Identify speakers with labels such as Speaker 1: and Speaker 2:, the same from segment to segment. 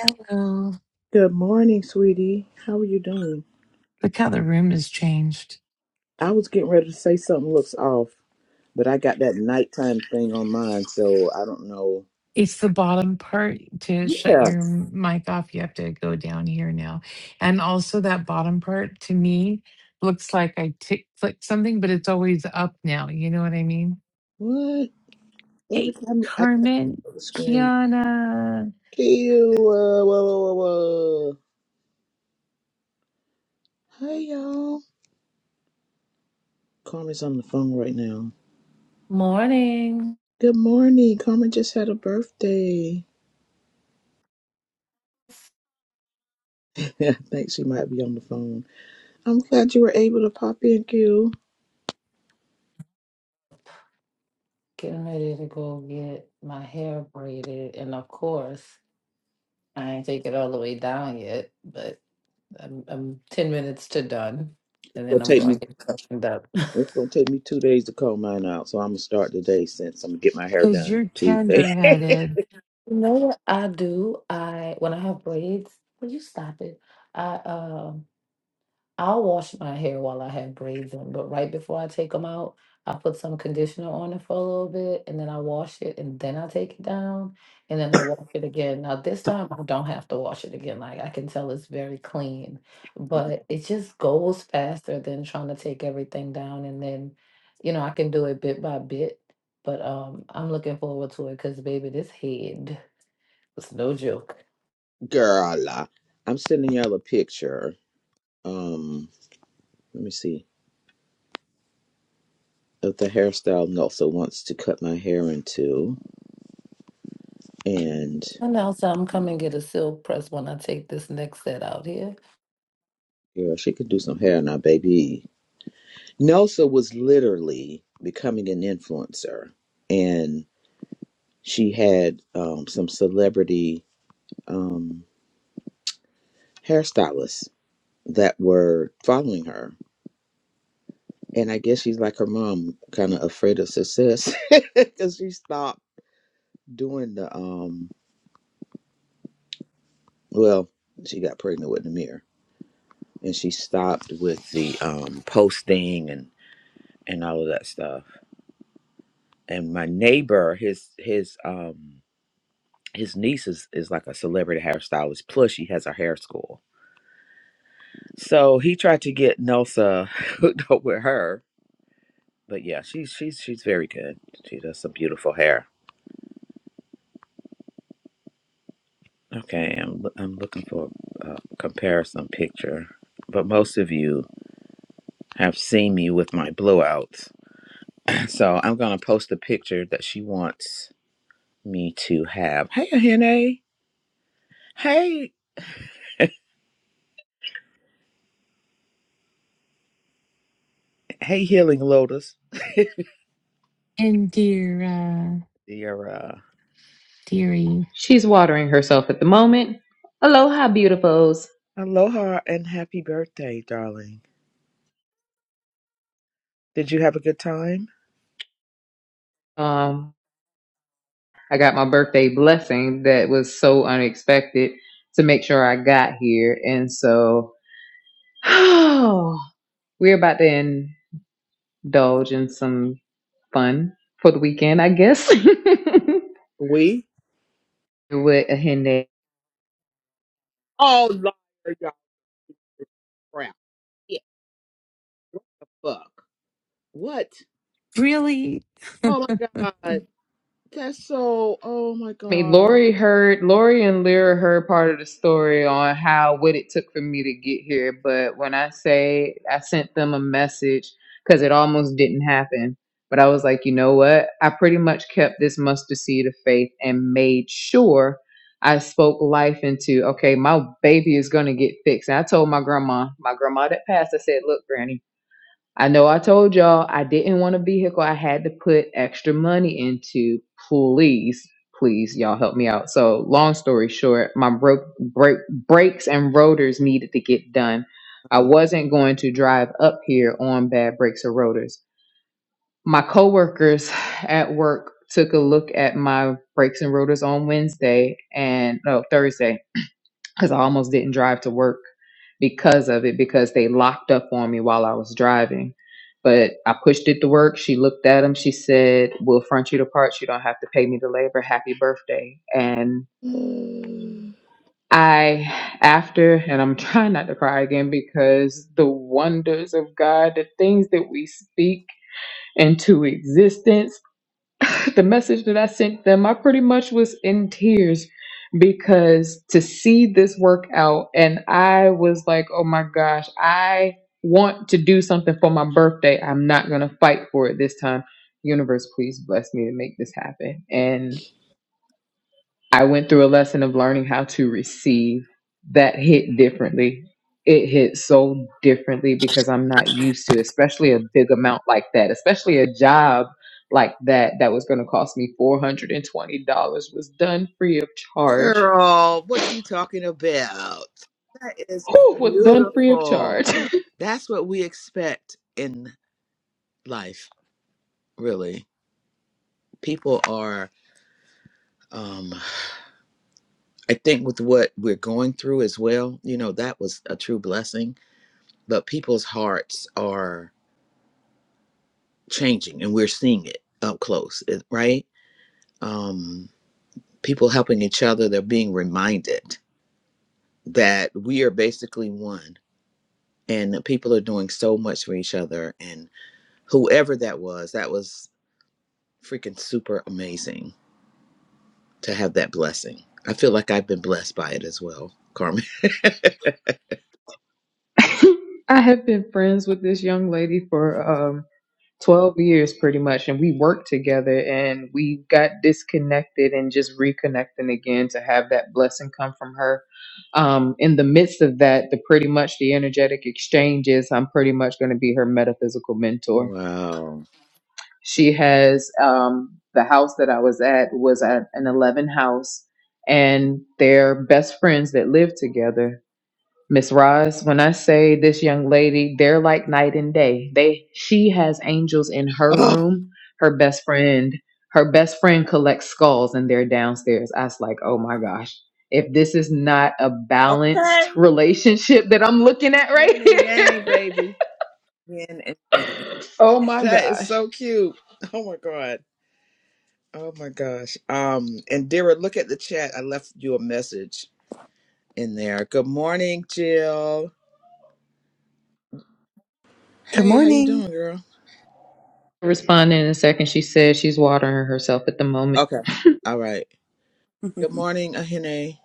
Speaker 1: Hello.
Speaker 2: Good morning, sweetie. How are you doing?
Speaker 1: Look how the room has changed.
Speaker 2: I was getting ready to say something looks off, but I got that nighttime thing on mine, so I don't know.
Speaker 1: It's the bottom part to shut
Speaker 2: Yeah.
Speaker 1: your mic off. You have to go down here now. And also, that bottom part to me looks like I tick clicked something, but it's always up now. You know what I mean?
Speaker 2: What? Every
Speaker 1: Hey,
Speaker 2: time I try to look
Speaker 1: Carmen,
Speaker 2: at the screen.
Speaker 1: Kiana,
Speaker 2: Ew, whoa, whoa, whoa, whoa. whoa. Hey, y'all. Carmen's on the phone right now.
Speaker 3: Morning.
Speaker 2: Good morning. Carmen just had a birthday. I think she might be on the phone. I'm glad you were able to pop in, Q.
Speaker 3: Getting ready to go get my hair braided. And of course, I ain't take it all the way down yet, but I'm, I'm 10 minutes to done. And
Speaker 2: It'll
Speaker 3: then I'm
Speaker 2: take me
Speaker 3: going to get freshened up.
Speaker 2: It's gonna take me two days to comb mine out, so I'm gonna start today since I'm gonna get my hair
Speaker 1: because
Speaker 2: done
Speaker 1: you're
Speaker 2: Tuesday.
Speaker 1: tender headed.
Speaker 3: You know what I do? I when I have braids, will you stop it? I um I'll wash my hair while I have braids in, but right before I take them out, I put some conditioner on it for a little bit and then I wash it and then I take it down and then I wash it again. Now, this time I don't have to wash it again. Like I can tell it's very clean, but it just goes faster than trying to take everything down. And then, you know, I can do it bit by bit, but um, I'm looking forward to it because, baby, this head is no joke.
Speaker 2: Girl, uh, I'm sending y'all a picture. Um, let me see of the hairstyle Nelsa wants to cut my hair into, and
Speaker 3: And now, so I'm coming get a silk press when I take this next set out here.
Speaker 2: girl, she could do some hair now, baby. Nelsa was literally becoming an influencer, and she had um, some celebrity um, hairstylists that were following her and I guess she's like her mom, kind of afraid of success because she stopped doing the um. Well, she got pregnant with Namir, and she stopped with the um posting and and all of that stuff. And my neighbor, his his um his niece is is like a celebrity hairstylist. Plus, she has a hair school. So he tried to get Nelsa hooked up with her. But yeah, she's she's she's very good. She does some beautiful hair Okay, I'm I'm looking for a comparison picture, but most of you have seen me with my blowouts, so I'm gonna post a picture that she wants me to have. Hey, Ahene. Hey, hey, Healing Lotus.
Speaker 1: Indira,
Speaker 2: Your uh,
Speaker 1: dearie.
Speaker 4: She's watering herself at the moment. Aloha, beautifuls.
Speaker 2: aloha and happy birthday, darling. Did you have a good time?
Speaker 4: Um, I got my birthday blessing that was so unexpected to make sure I got here. And so we're about to indulge in some fun for the weekend, I guess.
Speaker 2: We?
Speaker 4: With a Ahene
Speaker 2: Oh, liar, y'all. Crap. What the fuck? What?
Speaker 1: Really?
Speaker 2: Oh my god. That's so oh my
Speaker 4: mean,
Speaker 2: god.
Speaker 4: Lori heard Lori and Lyra heard part of the story on how what it took for me to get here. But when I say I sent them a message because it almost didn't happen, but I was like, you know what? I pretty much kept this mustard seed of faith and made sure I spoke life into. Okay, my baby is going to get fixed. And I told my grandma, my grandma that passed, I said, look, Granny I know I told y'all I didn't want a vehicle I had to put extra money into. Please, please, y'all help me out. So, long story short, my broke break brakes and rotors needed to get done. I
Speaker 2: Uh
Speaker 4: wasn't going to drive up here on bad brakes or rotors. My coworkers at work took a look at my brakes and rotors on Wednesday and no Thursday because I almost didn't drive to work because of it because they locked up on me while I was driving. But I pushed it to work. She looked at him. She said, "We'll front you the parts. You don't have to pay me the labor. Happy birthday." And
Speaker 2: huh.
Speaker 4: I, after, and I'm trying not to cry again because the wonders of God, the things that we speak into existence the message that I sent them, I pretty much was in tears because to see this work out, and I was like, oh my gosh, I want to do something for my birthday. I'm not going to fight for it this time. Universe, please bless me to make this happen. And. I went through a lesson of learning how to receive that hit differently. It hit so differently because I'm not used to, especially a big amount like that, especially a job like that that was going to cost me $420 was done free of charge.
Speaker 2: Girl, what you talking about? That is
Speaker 4: Who was done free of
Speaker 2: beautiful.
Speaker 4: charge.
Speaker 2: That's what we expect in life, really. People are um, I think with what we're going through as well, you know, that was a true blessing. But people's hearts are changing and we're seeing it up close, it- right? Um, people helping each other, they're being reminded that we are basically one and that people are doing so much for each other. And whoever that was, that was freaking super amazing to have that blessing. I feel like I've been blessed by it as well, Carmen.
Speaker 4: I have been friends with this young lady for um 12 years pretty much and we worked together and we got disconnected and just reconnecting again to have that blessing come from her um in the midst of that the pretty much the energetic exchanges i'm pretty much going to be her metaphysical mentor
Speaker 2: wow.
Speaker 4: she has um the house that i was at was at an 11 house and they're best friends that live together Miss Roz, when I say this young lady, they're like night and day. They she has angels in her
Speaker 2: Oh,
Speaker 4: room, her best friend, her best friend collects skulls and they're downstairs. I was like, oh my gosh, if this is not a balanced
Speaker 2: Okay.
Speaker 4: relationship that I'm looking at
Speaker 2: Yin
Speaker 4: right
Speaker 2: and Yang,
Speaker 4: here.
Speaker 2: baby. Yin and Yang.
Speaker 4: oh my
Speaker 2: That is
Speaker 4: gosh.
Speaker 2: so cute. Oh my god. Oh my gosh. Um, and Dira, look at the chat. I left you a message in there. Good morning, Jill.
Speaker 5: Good
Speaker 2: Hey, how you
Speaker 5: morning.
Speaker 2: doing, girl?
Speaker 4: Responding in a second, she says she's watering herself at the moment.
Speaker 2: Okay. All right. Good
Speaker 5: Good
Speaker 2: morning, Ahene.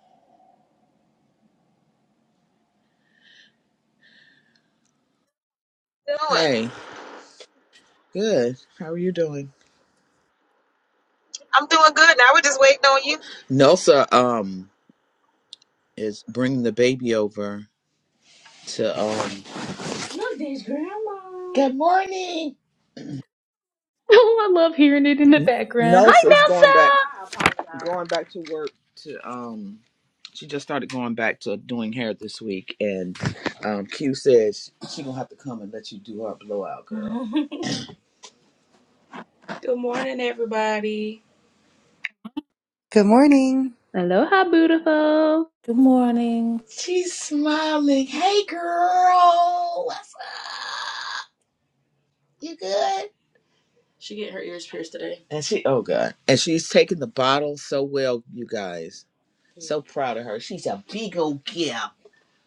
Speaker 6: doing?
Speaker 2: Hey. Good. How are you doing?
Speaker 6: I'm doing good now. We're just waiting on you.
Speaker 2: Nelsa um is bringing the baby over to um. Look, there's grandma. Good morning.
Speaker 4: oh, I love hearing it in the background. Hi
Speaker 2: Nelsa's
Speaker 4: Nelson.
Speaker 2: going back going back to work to um she just started going back to doing hair this week and um Q says she gonna have to come and let you do her blowout girl. Good morning, everybody.
Speaker 5: morning.
Speaker 4: Aloha beautiful.
Speaker 3: Good morning.
Speaker 2: She's smiling. Hey, girl. What's up? You good? She getting her ears pierced today. And she oh god. And she's taking the bottle so well, you guys. So proud of her. She's a big old girl.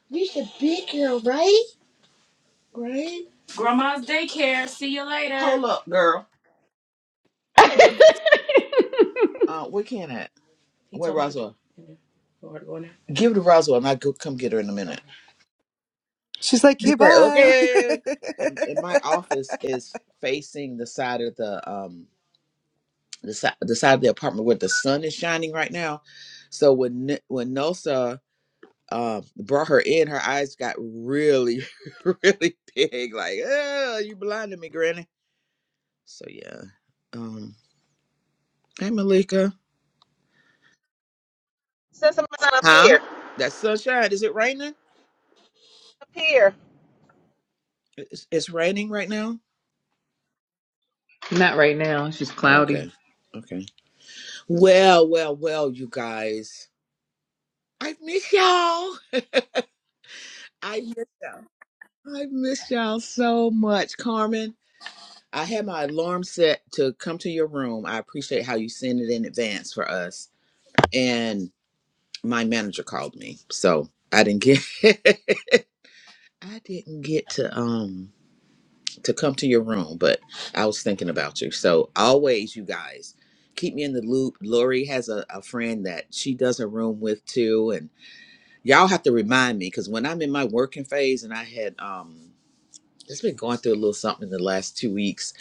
Speaker 2: You're a big girl, right? Right? Grandma's daycare. See you later. Hold up, girl. Uh, where can at? He Where told me to Roswell? go in go in there. Give it to Roswell, and I go come get her in a minute.
Speaker 5: She's like,
Speaker 2: Okay,
Speaker 5: hey,
Speaker 2: right.
Speaker 5: bye.
Speaker 2: okay. And and my office is facing the side of the um the side the side of the apartment where the sun is shining right now. So when N- when Nosa um brought her in, her eyes got really really big, like oh, you blinded me, Granny. So yeah. Um, hey Malika.
Speaker 6: Send somebody down up
Speaker 2: Huh?
Speaker 6: here.
Speaker 2: That's sunshine. Is it raining?
Speaker 6: Up here.
Speaker 2: It's, it's raining right now.
Speaker 4: Not right now. It's just
Speaker 2: Oh,
Speaker 4: cloudy.
Speaker 2: okay. Okay. Well, well, well, you guys. I miss y'all. I miss, I miss y'all so much, Carmen. I had my alarm set to come to your room. I appreciate how you sent it in advance for us. And my manager called me, so I didn't get. I didn't get to. um. to come to your room, but I was thinking about you. So always, you guys, keep me in the loop. Lori has a, a friend that she does a room with too, and y'all have to remind me because when I'm in my working phase, and I had um, it's been going through a little something in the last two weeks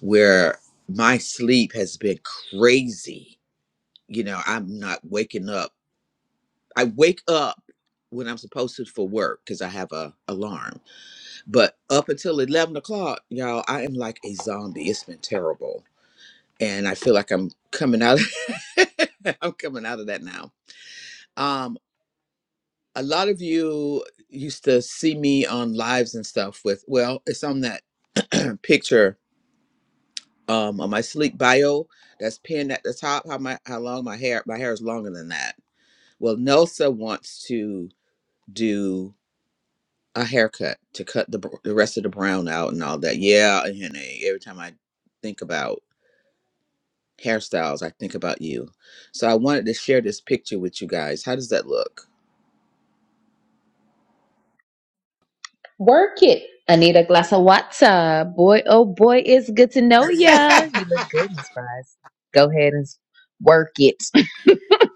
Speaker 2: where my sleep has been crazy. You know, I'm not waking up. I wake up when I'm supposed to for work because I have a alarm but up until 11 o'clock, y'all, I am like a zombie. It's been terrible. And I feel like I'm coming out. I'm coming out of that now. Um, a lot of you used to see me on lives and stuff with, well, it's on that picture um, on my sleek bio that's pinned at the top. How my how long my hair? My hair is longer than that. Well, Nelsa wants to do a haircut to cut the br- the rest of the brown out and all that. Yeah, honey. Every time I think about hairstyles, I think about you. So I wanted to share this picture with you guys. How does that look?
Speaker 4: Work it. I need a glass of water. Boy, oh boy, it's good to know ya. You look good in surprise. Go ahead and work it.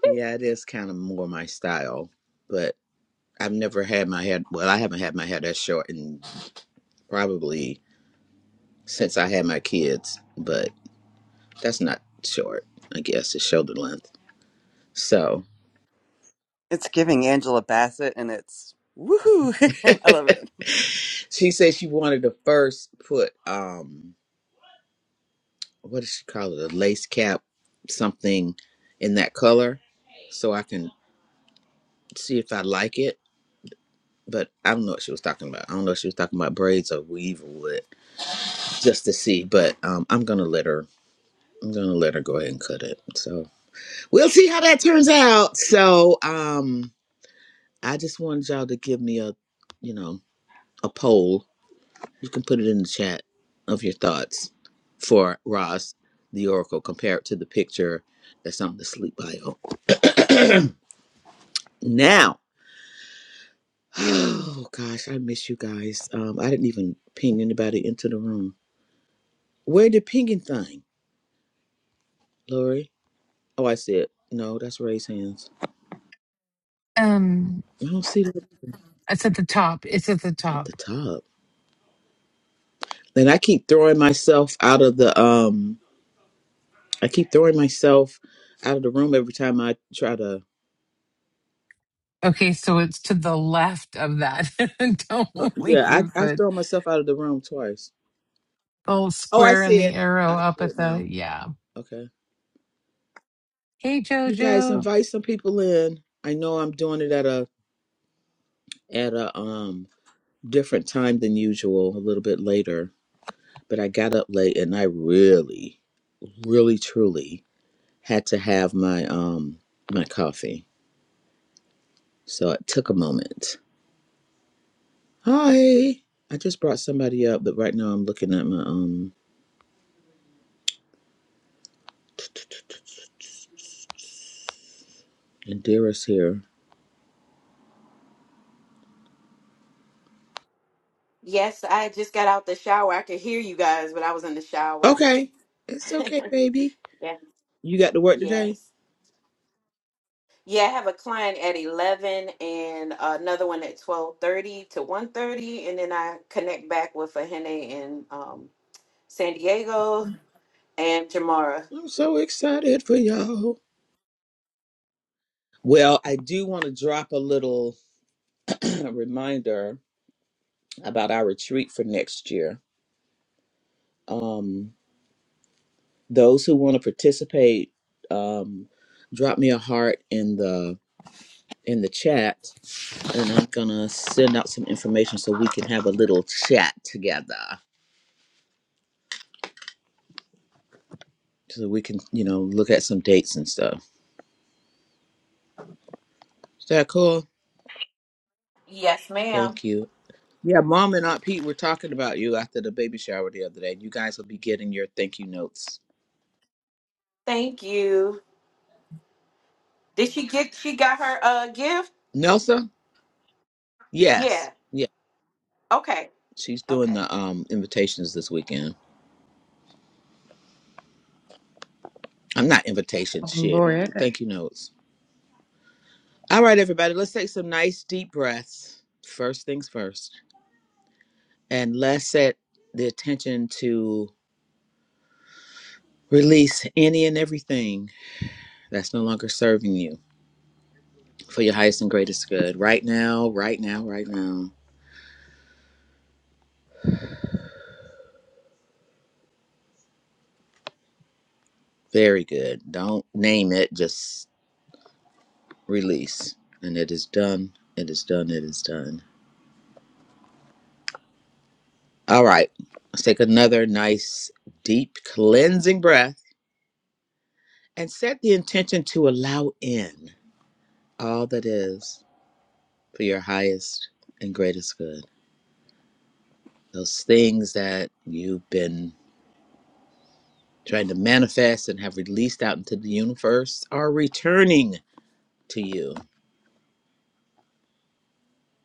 Speaker 2: Yeah, it is kind of more my style, but I've never had my hair. Well, I haven't had my hair that short in probably since I had my kids, but that's not short, I guess. It's shoulder length. So
Speaker 5: it's giving Angela Bassett and it's woohoo. I love it.
Speaker 2: she said she wanted to first put, um, what does she call it? A lace cap, something in that color, so I can see if I like it. but I don't know what she was talking about. I don't know if she was talking about braids or weave or what, just to see. But um, I'm gonna let her. I'm gonna let her go ahead and cut it. So we'll see how that turns out. So um, I just wanted y'all to give me a, you know, a poll. You can put it in the chat of your thoughts for Ross the Oracle compared to the picture that's on the sleep bio. Now, oh gosh, I miss you guys. Um, I didn't even ping anybody into the room. Where did pinging thing? Lori. Oh, I see it. No, that's raised hands.
Speaker 1: um,
Speaker 2: I don't see that
Speaker 1: it's at the top. It's at the
Speaker 2: at
Speaker 1: top.
Speaker 2: the top. Then I keep throwing myself out of the um. I keep throwing myself out of the room every time I try to.
Speaker 1: Okay, so it's to the left of that.
Speaker 2: Oh,
Speaker 1: Don't
Speaker 2: Yeah,
Speaker 1: leave,
Speaker 2: I I've
Speaker 1: but
Speaker 2: thrown myself out of the room twice.
Speaker 1: the little
Speaker 2: Oh, I
Speaker 1: square and
Speaker 2: see it.
Speaker 1: the
Speaker 2: I
Speaker 1: arrow up
Speaker 2: see it
Speaker 1: at
Speaker 2: now.
Speaker 1: the yeah.
Speaker 2: Okay,
Speaker 1: Hey
Speaker 2: you guys
Speaker 1: Jojo.
Speaker 2: invite some people in. I know I'm doing it at a at a um different time than usual, a little bit later. But I got up late and I really, really, truly had to have my um my coffee. So it took a moment. Hi. I just brought somebody up, but right now I'm looking at my um Indira's here.
Speaker 7: Yes, I just got out the shower. I could hear you guys, but I was in the shower.
Speaker 2: Okay. It's okay, baby.
Speaker 7: Yeah.
Speaker 2: You got to work today?
Speaker 7: Yes. Yeah, I have a client at 11 and another one at 12:30 to one thirty, and then I connect back with Fahene in um, San Diego and Jamara.
Speaker 2: I'm so excited for y'all. Well, I do want to drop a little reminder about our retreat for next year. Um, those who want to participate, um, drop me a heart in the in the chat and I'm gonna send out some information so we can have a little chat together, so we can, you know, look at some dates and stuff. Is that cool?
Speaker 7: Yes, ma'am.
Speaker 2: Thank you. Yeah, Mom and Aunt Pete were talking about you after the baby shower the other day. You guys will be getting your thank you notes.
Speaker 7: Thank you. Did she get she got her uh gift?
Speaker 2: Nelsa? Yes.
Speaker 7: Yeah.
Speaker 2: Yeah.
Speaker 7: Okay.
Speaker 2: She's doing
Speaker 7: Okay.
Speaker 2: the um invitations this weekend. I'm not invitation
Speaker 4: Oh,
Speaker 2: shit.
Speaker 4: Lori, I got
Speaker 2: Thank you notes. All right, everybody. Let's take some nice deep breaths. First things first. And let's set the attention to Release any and everything that's no longer serving you for your highest and greatest good. Right now, right now, right now. Very good. Don't name it, just release. And it is done. It is done. It is done. All right. Let's take another nice, deep, cleansing breath and set the intention to allow in all that is for your highest and greatest good. Those things that you've been trying to manifest and have released out into the universe are returning to you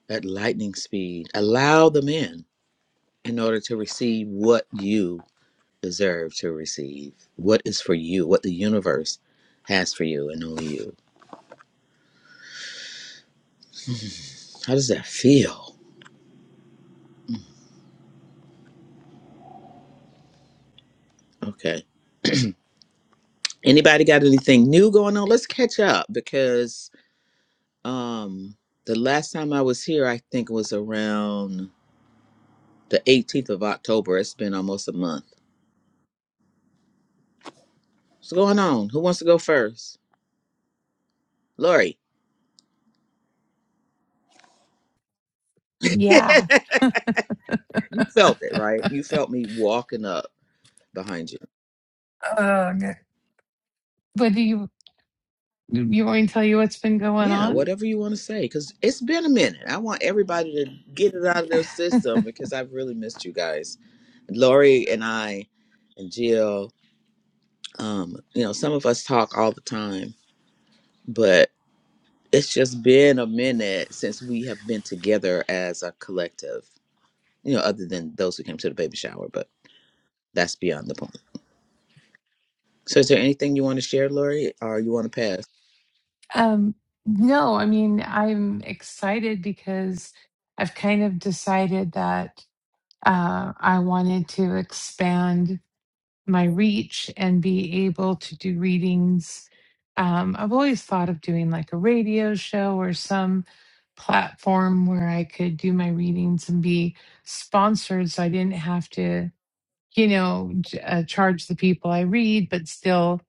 Speaker 2: at lightning speed. Allow them in in order to receive what you deserve to receive, what is for you, what the universe has for you and only you. How does that feel? Okay. Anybody got anything new going on? Let's catch up because um the last time I was here I think was around the 18th of October. It's been almost a month. What's going on? Who wants to go first? Lori, you
Speaker 1: Yeah.
Speaker 2: felt it, right? You felt me walking up behind you.
Speaker 1: Uh, what do you you want me to tell you what's been going
Speaker 2: Yeah,
Speaker 1: on?
Speaker 2: whatever you want to say, because it's been a minute. I want everybody to get it out of their system because I've really missed you guys. Lori and I and Jill, um, you know, some of us talk all the time, but it's just been a minute since we have been together as a collective, you know, other than those who came to the baby shower, but that's beyond the point. So is there anything you want to share, Lori, or you want to pass?
Speaker 1: Um, no, I mean I'm excited because I've kind of decided that uh, I wanted to expand my reach and be able to do readings. Um, I've always thought of doing like a radio show or some platform where I could do my readings and be sponsored so I didn't have to, you know, j- uh, charge the people I read, but still.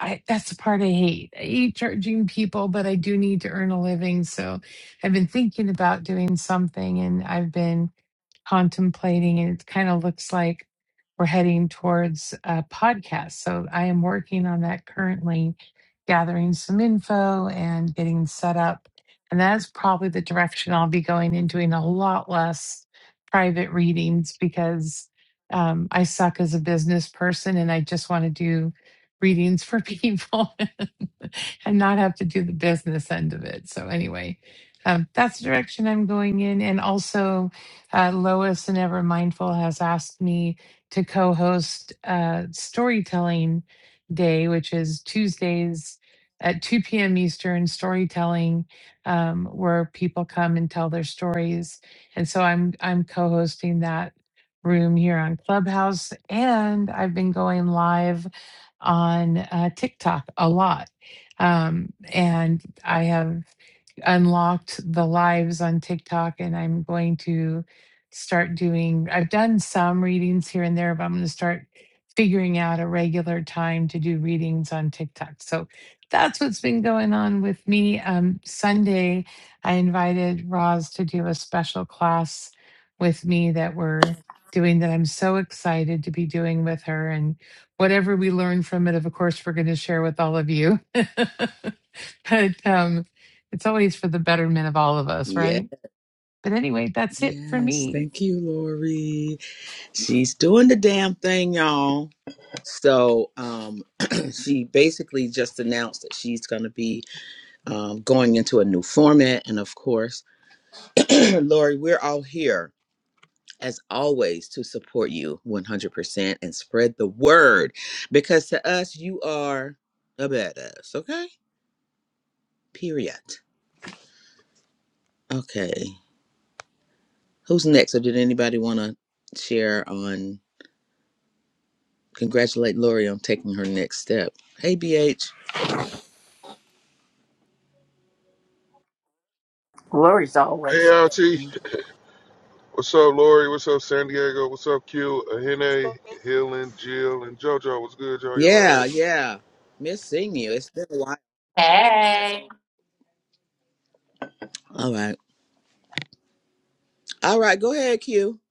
Speaker 1: I, that's the part I hate. I hate charging people, but I do need to earn a living. So I've been thinking about doing something and I've been contemplating, and it kind of looks like we're heading towards a podcast. So I am working on that currently, gathering some info and getting set up. And that's probably the direction I'll be going in, doing a lot less private readings because um, I suck as a business person and I just want to do readings for people and not have to do the business end of it. So, anyway, um, that's the direction I'm going in. And also, uh, Lois and Ever Mindful has asked me to co host uh, Storytelling Day, which is Tuesdays at 2 p.m. Eastern storytelling, um, where people come and tell their stories. And so I'm, I'm co hosting that room here on Clubhouse. And I've been going live on uh, TikTok a lot. Um, and I have unlocked the lives on TikTok, and I'm going to start doing, I've done some readings here and there, but I'm going to start figuring out a regular time to do readings on TikTok. So that's what's been going on with me. Um, Sunday, I invited Roz to do a special class with me that we're doing that I'm so excited to be doing with her. And whatever we learn from it, of course, we're going to share with all of you. but um, it's always for the betterment of all of us,
Speaker 2: Yes.
Speaker 1: right? But anyway, that's it for
Speaker 2: Yes,
Speaker 1: me.
Speaker 2: thank you, Lori. She's doing the damn thing, y'all. So, um, she basically just announced that she's going to be um, going into a new format. And of course, Lori, we're all here as always to support you 100% and spread the word because to us, you are a badass, okay? Period. Okay. Who's next? Or did anybody want to share on? Congratulate Lori on taking her next step. Hey, BH.
Speaker 8: Lori's
Speaker 9: Hey,
Speaker 8: always.
Speaker 9: Archie. What's up, Lori? What's up, San Diego? What's up, Q? Ahene, Helen, Jill, and JoJo. What's good, y'all? Y'all all
Speaker 2: Yeah, yeah. Miss seeing you. It's been a while. All right. All right. Go ahead, Q.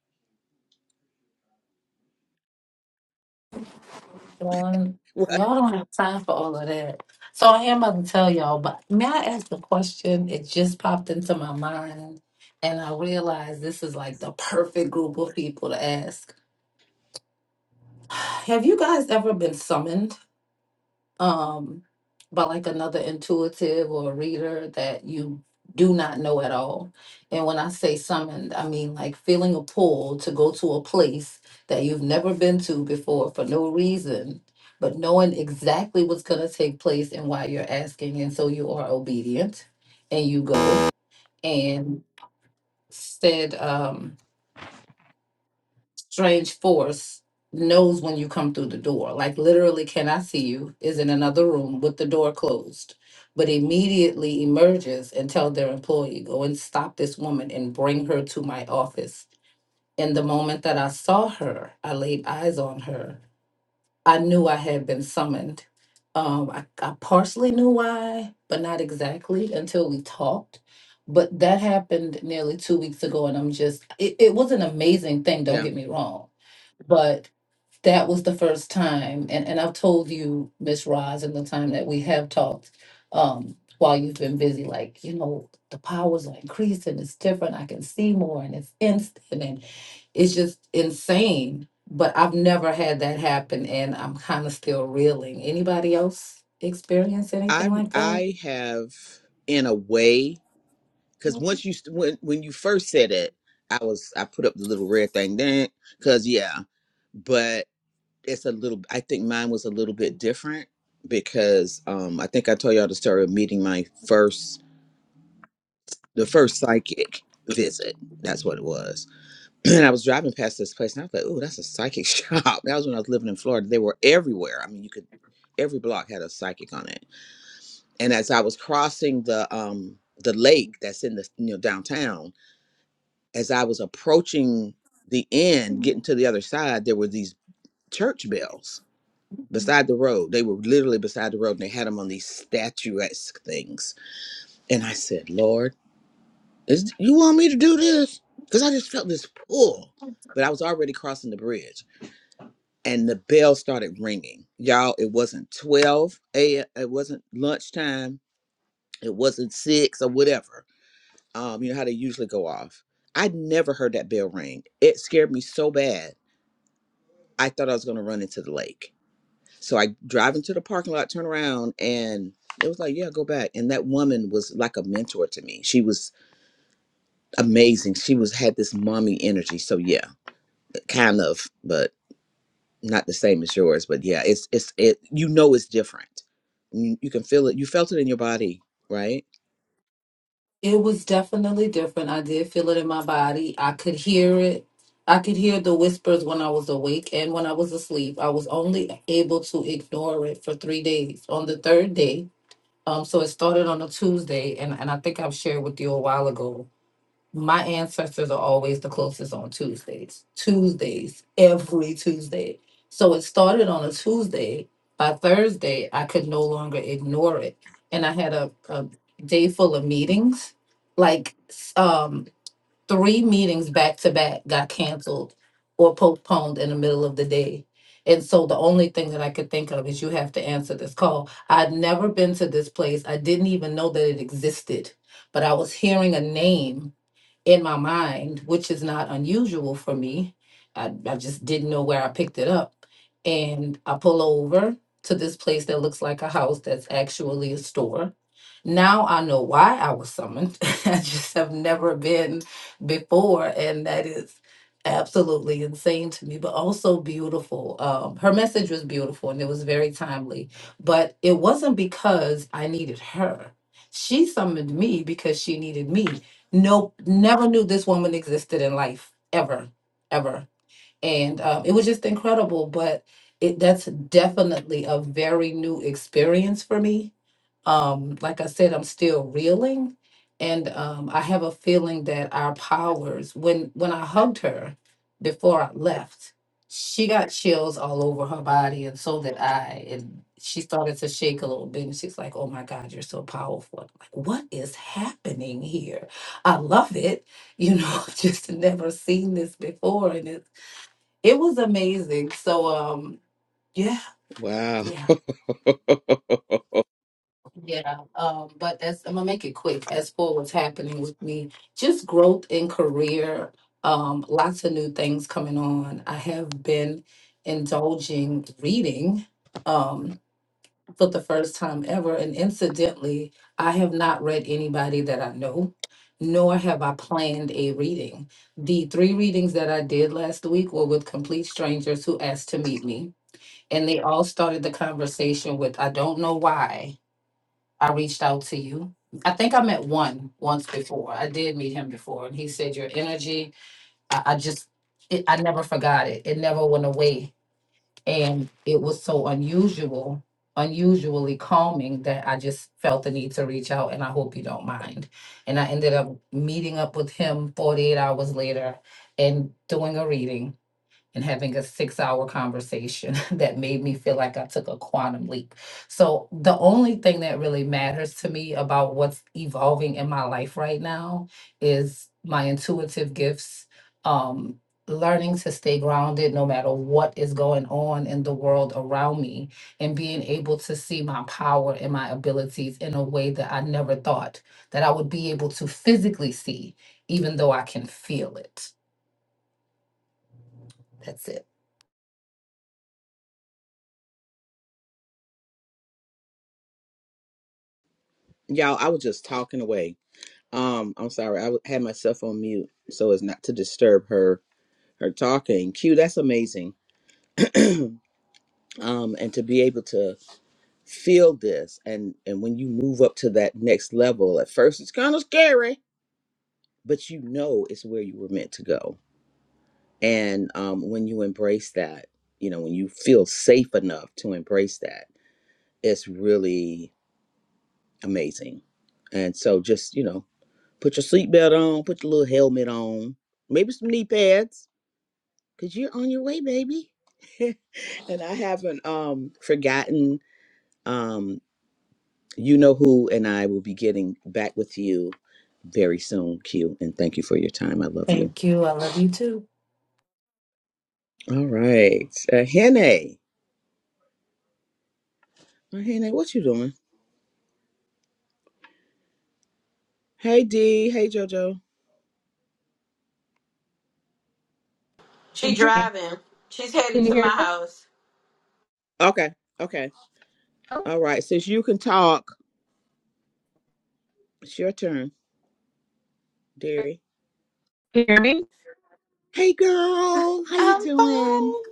Speaker 3: Good
Speaker 2: What?
Speaker 3: Y'all don't have time for all of that. So I am about to tell y'all, but may I ask a question? It just popped into my mind, and I realized this is like the perfect group of people to ask. Have you guys ever been summoned? um by like another intuitive or reader that you do not know at all and when i say summoned i mean like feeling a pull to go to a place that you've never been to before for no reason but knowing exactly what's going to take place and why you're asking and so you are obedient and you go and said um strange force knows when you come through the door. Like literally cannot see you, is in another room with the door closed, but immediately emerges and tell their employee, go and stop this woman and bring her to my office. And the moment that I saw her, I laid eyes on her. I knew I had been summoned. Um, I, I partially knew why, but not exactly until we talked. But that happened nearly two weeks ago, and I'm just, it, it was an amazing thing, don't
Speaker 2: Yeah.
Speaker 3: get me wrong but that was the first time, and, and I've told you, Miss Roz, in the time that we have talked, um, while you've been busy, like, you know, the powers are increasing, it's different, I can see more, and it's instant, and it's just insane. But I've never had that happen, and I'm kind of still reeling. Anybody else experience
Speaker 2: I
Speaker 3: anything like that?
Speaker 2: I have in a way because once you st- when when you first said it, I was I put up the little red thing then because yeah, but it's a little. I think mine was a little bit different because um I think I told y'all the story of meeting my first the first psychic visit. That's what it was and I was driving past this place, and I was like, "Oh, that's a psychic shop." That was when I was living in Florida. They were everywhere. I mean, you could every block had a psychic on it. And as I was crossing the um the lake that's in the you know downtown, as I was approaching the end, getting to the other side, there were these church bells beside the road. They were literally beside the road, and they had them on these statuesque things. And I said, "Lord, is you want me to do this?" Because I just felt this pull, but I was already crossing the bridge. and the bell started ringing. Y'all, it wasn't 12 a.m. It wasn't lunchtime. It wasn't six or whatever. Um, you know how they usually go off. I never heard that bell ring. It scared me so bad. I thought I was gonna run into the lake. So I drive into the parking lot, turn around, and it was like, yeah, go back. And that woman was like a mentor to me. She was amazing. She was had this mommy energy. So yeah, kind of, but not the same as yours, but yeah, it's it's it. You know, it's different. You, you can feel it. You felt it in your body, right?
Speaker 3: It was definitely different. I did feel it in my body. I could hear it. I could hear the whispers when I was awake and when I was asleep. I was only able to ignore it for three days. On the third day, um, so it started on a Tuesday, and, and I think I've shared with you a while ago my ancestors are always the closest on Tuesdays. Tuesdays, every Tuesday. So it started on a Tuesday. By Thursday, I could no longer ignore it. And I had a, a day full of meetings. Like s- um, three meetings back to back got canceled or postponed in the middle of the day. And so the only thing that I could think of is you have to answer this call. I'd never been to this place. I didn't even know that it existed, but I was hearing a name in my mind, which is not unusual for me. I, I just didn't know where I picked it up. And I pull over to this place that looks like a house that's actually a store. Now I know why I was summoned. I just have never been before. And that is absolutely insane to me, but also beautiful. Um, her message was beautiful and it was very timely. But it wasn't because I needed her. She summoned me because she needed me Nope, never knew this woman existed in life ever, ever and um, it was just incredible. But it that's definitely a very new experience for me. Um, like I said, I'm still reeling, and um, I have a feeling that our powers when when I hugged her before I left, she got chills all over her body, and so did I. And she started to shake a little bit, and she's like, "Oh my God, you're so powerful!" I'm like, what is happening here? I love it you know, I've just never seen this before. And it it was amazing. So um yeah,
Speaker 2: Wow.
Speaker 3: yeah, yeah. Um, but as I'm gonna make it quick as for what's happening with me, just growth in career, um, lots of new things coming on. I have been indulging reading um for the first time ever. And incidentally, I have not read anybody that I know, nor have I planned a reading. The three readings that I did last week were with complete strangers who asked to meet me and they all started the conversation with i don't know why i reached out to you i think i met one once before i did meet him before and he said your energy i, I just it, i never forgot it it never went away and it was so unusual unusually calming that i just felt the need to reach out and i hope you don't mind and i ended up meeting up with him 48 hours later and doing a reading and having a six hour conversation that made me feel like I took a quantum leap. So, the only thing that really matters to me about what's evolving in my life right now is my intuitive gifts, um, learning to stay grounded no matter what is going on in the world around me, and being able to see my power and my abilities in a way that I never thought that I would be able to physically see even though I can feel it. That's it.
Speaker 2: Y'all, I was just talking away. Um, I'm sorry. I w- had myself on mute so as not to disturb her her talking. Q, that's amazing. Um, and to be able to feel this and and when you move up to that next level at first it's kind of scary but you know it's where you were meant to go and um, when you embrace that you know when you feel safe enough to embrace that it's really amazing and so just you know put your seatbelt on put your little helmet on maybe some knee pads because you're on your way baby and i haven't um forgotten um, You know who and I will be getting back with you very soon, Q. And thank you for your time. I love you.
Speaker 3: Thank you. I love you too.
Speaker 2: All right. Uh, Hene. Uh, Hene, what you doing? Hey, D. Hey, JoJo.
Speaker 6: Can
Speaker 7: She
Speaker 6: you hear me?
Speaker 7: driving. She's headed
Speaker 6: Can you
Speaker 7: to my
Speaker 6: hear
Speaker 7: house.
Speaker 2: Okay. Okay. All right. Since you can talk, it's your turn, dearie.
Speaker 6: me?
Speaker 2: Hey, girl. How you
Speaker 7: I'm
Speaker 2: doing?
Speaker 7: fine.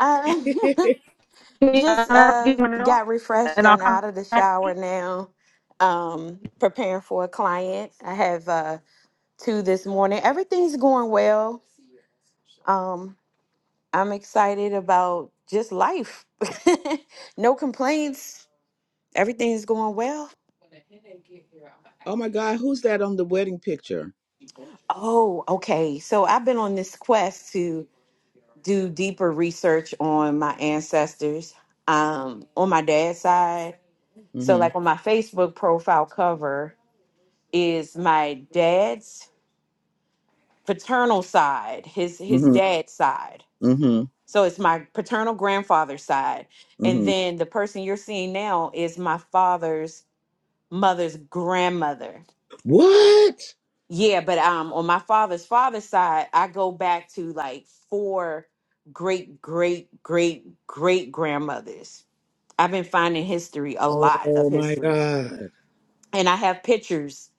Speaker 7: Uh,
Speaker 6: Can you
Speaker 7: Just
Speaker 6: uh, give
Speaker 7: uh
Speaker 6: me a minute?
Speaker 7: got refreshed
Speaker 6: and I'll
Speaker 7: and
Speaker 6: come
Speaker 7: out of the
Speaker 6: back?
Speaker 7: shower now. Um preparing for a client. I have uh two this morning. Everything's going well. Um I'm excited about just life. no complaints. Everything's going well.
Speaker 2: oh, my God. Who's that on the wedding picture?
Speaker 7: Oh, okay. So I've been on this quest to do deeper research on my ancestors um on my dad's side. So
Speaker 2: Mm-hmm.
Speaker 7: like on my Facebook profile cover is my dad's paternal side, his his
Speaker 2: Mm-hmm.
Speaker 7: dad's side.
Speaker 2: Mm-hmm.
Speaker 7: So it's my paternal grandfather's side. And
Speaker 2: Mm-hmm.
Speaker 7: then the person you're seeing now is my father's mother's grandmother.
Speaker 2: What?
Speaker 7: Yeah, but um on my father's father's side, I go back to like four great great great great grandmothers. I've been finding history, a lot
Speaker 2: Oh,
Speaker 7: of
Speaker 2: my
Speaker 7: history.
Speaker 2: God.
Speaker 7: And I have pictures.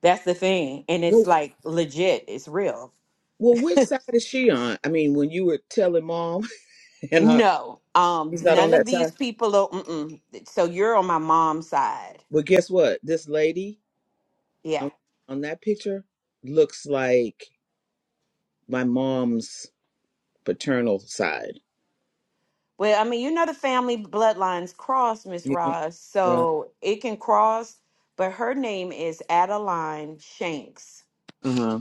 Speaker 7: That's the thing. And it's like legit, it's real.
Speaker 2: Well, which side is she on? I mean, when you were telling mom and her,
Speaker 7: No, um,
Speaker 2: he's not on
Speaker 7: none of
Speaker 2: that
Speaker 7: these
Speaker 2: side.
Speaker 7: people are. Mm-mm. So you're on my mom's side.
Speaker 2: But guess what? This lady
Speaker 7: Yeah.
Speaker 2: on, on that picture looks like my mom's paternal side.
Speaker 7: Well, I mean, you know the family bloodlines cross, Miss
Speaker 2: Yeah.
Speaker 7: Ross,
Speaker 2: Yeah.
Speaker 7: so it can cross. But her name is Adeline Shanks,
Speaker 2: Uh huh.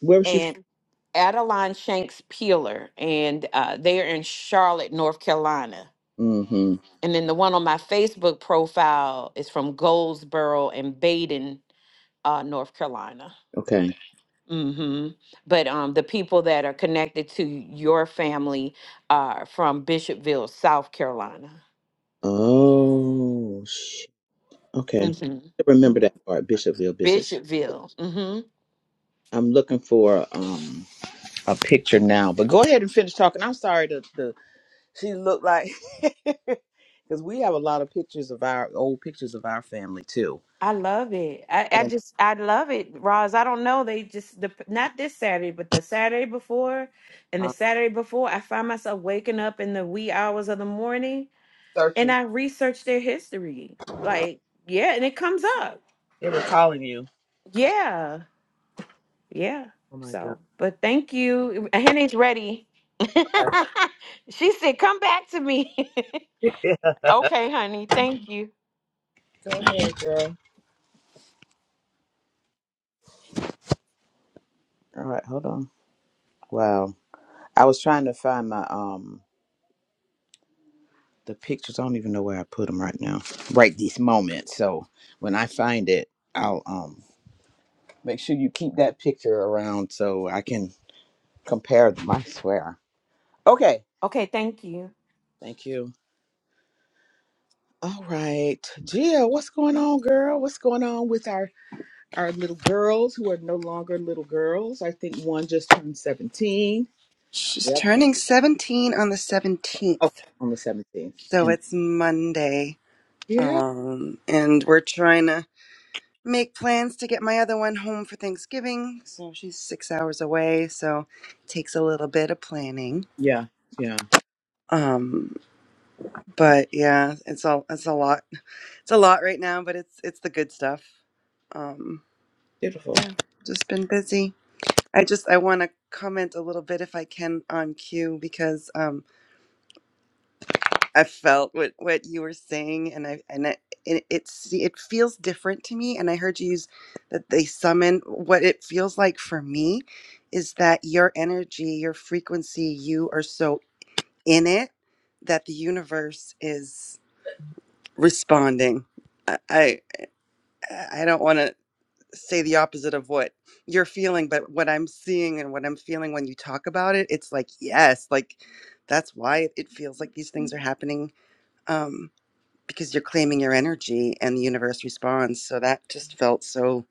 Speaker 2: Where was she from?
Speaker 7: and Adeline Shanks Peeler, and uh, they are in Charlotte, North Carolina.
Speaker 2: Mm hmm.
Speaker 7: And then the one on my Facebook profile is from Goldsboro and Baden, uh, North Carolina.
Speaker 2: Okay.
Speaker 7: Mm-hmm. But um, the people that are connected to your family are from Bishopville, South Carolina.
Speaker 2: Oh, sh- okay.
Speaker 7: hmm
Speaker 2: I remember that part, Bishopville, Bishop.
Speaker 7: Bishopville. hmm
Speaker 2: I'm looking for um a picture now, but go ahead and finish talking. I'm sorry to, to She looked like because we have a lot of pictures of our old pictures of our family too.
Speaker 7: I love it. I, I
Speaker 2: And
Speaker 7: just I love it, Roz. I don't know. They just the not this Saturday, but the Saturday before, and the
Speaker 2: I'm
Speaker 7: Saturday before, I find myself waking up in the wee hours of the morning, and
Speaker 2: searching.
Speaker 7: I research their history. Like yeah, and it comes up.
Speaker 2: They were calling you.
Speaker 7: Yeah. yeah.
Speaker 2: Oh my god.
Speaker 7: So, but thank you. Henny's ready. she said, "Come back to me." okay, honey. Thank you.
Speaker 2: Go ahead, girl. All right, hold on. Wow. I was trying to find my um the pictures. I don't even know where I put them right now. Right this moment. So when I find it, I'll um make sure you keep that picture around so I can compare them. I swear. Okay.
Speaker 7: Okay, thank you.
Speaker 2: Thank you. All right, Jill, what's going on, girl? What's going on with our our little girls who are no longer little girls? I think one just turned seventeen.
Speaker 5: She's
Speaker 2: Yep.
Speaker 5: turning 17 on the
Speaker 2: Oh,
Speaker 5: 17th.
Speaker 2: on the seventeenth.
Speaker 5: So
Speaker 2: And
Speaker 5: it's Monday.
Speaker 2: yeah,
Speaker 5: Um, and we're trying to make plans to get my other one home for Thanksgiving. So she's six hours away. So it takes a little bit of planning.
Speaker 2: yeah, yeah.
Speaker 5: Um, but yeah, it's all, it's a lot. It's a lot right now, but it's, it's the good stuff. Um,
Speaker 2: Beautiful.
Speaker 5: Yeah, just been busy. I just I want to comment a little bit if I can on Q because um I felt what what you were saying and I and I, it it's it feels different to me and I heard you use that they summon what it feels like for me is that your energy, your frequency, you are so in it that the universe is responding. I I, I don't want to. say the opposite of what you're feeling but what i'm seeing and what i'm feeling when you talk about it it's like yes like that's why it feels like these things are happening um because you're claiming your energy and the universe responds so that just felt so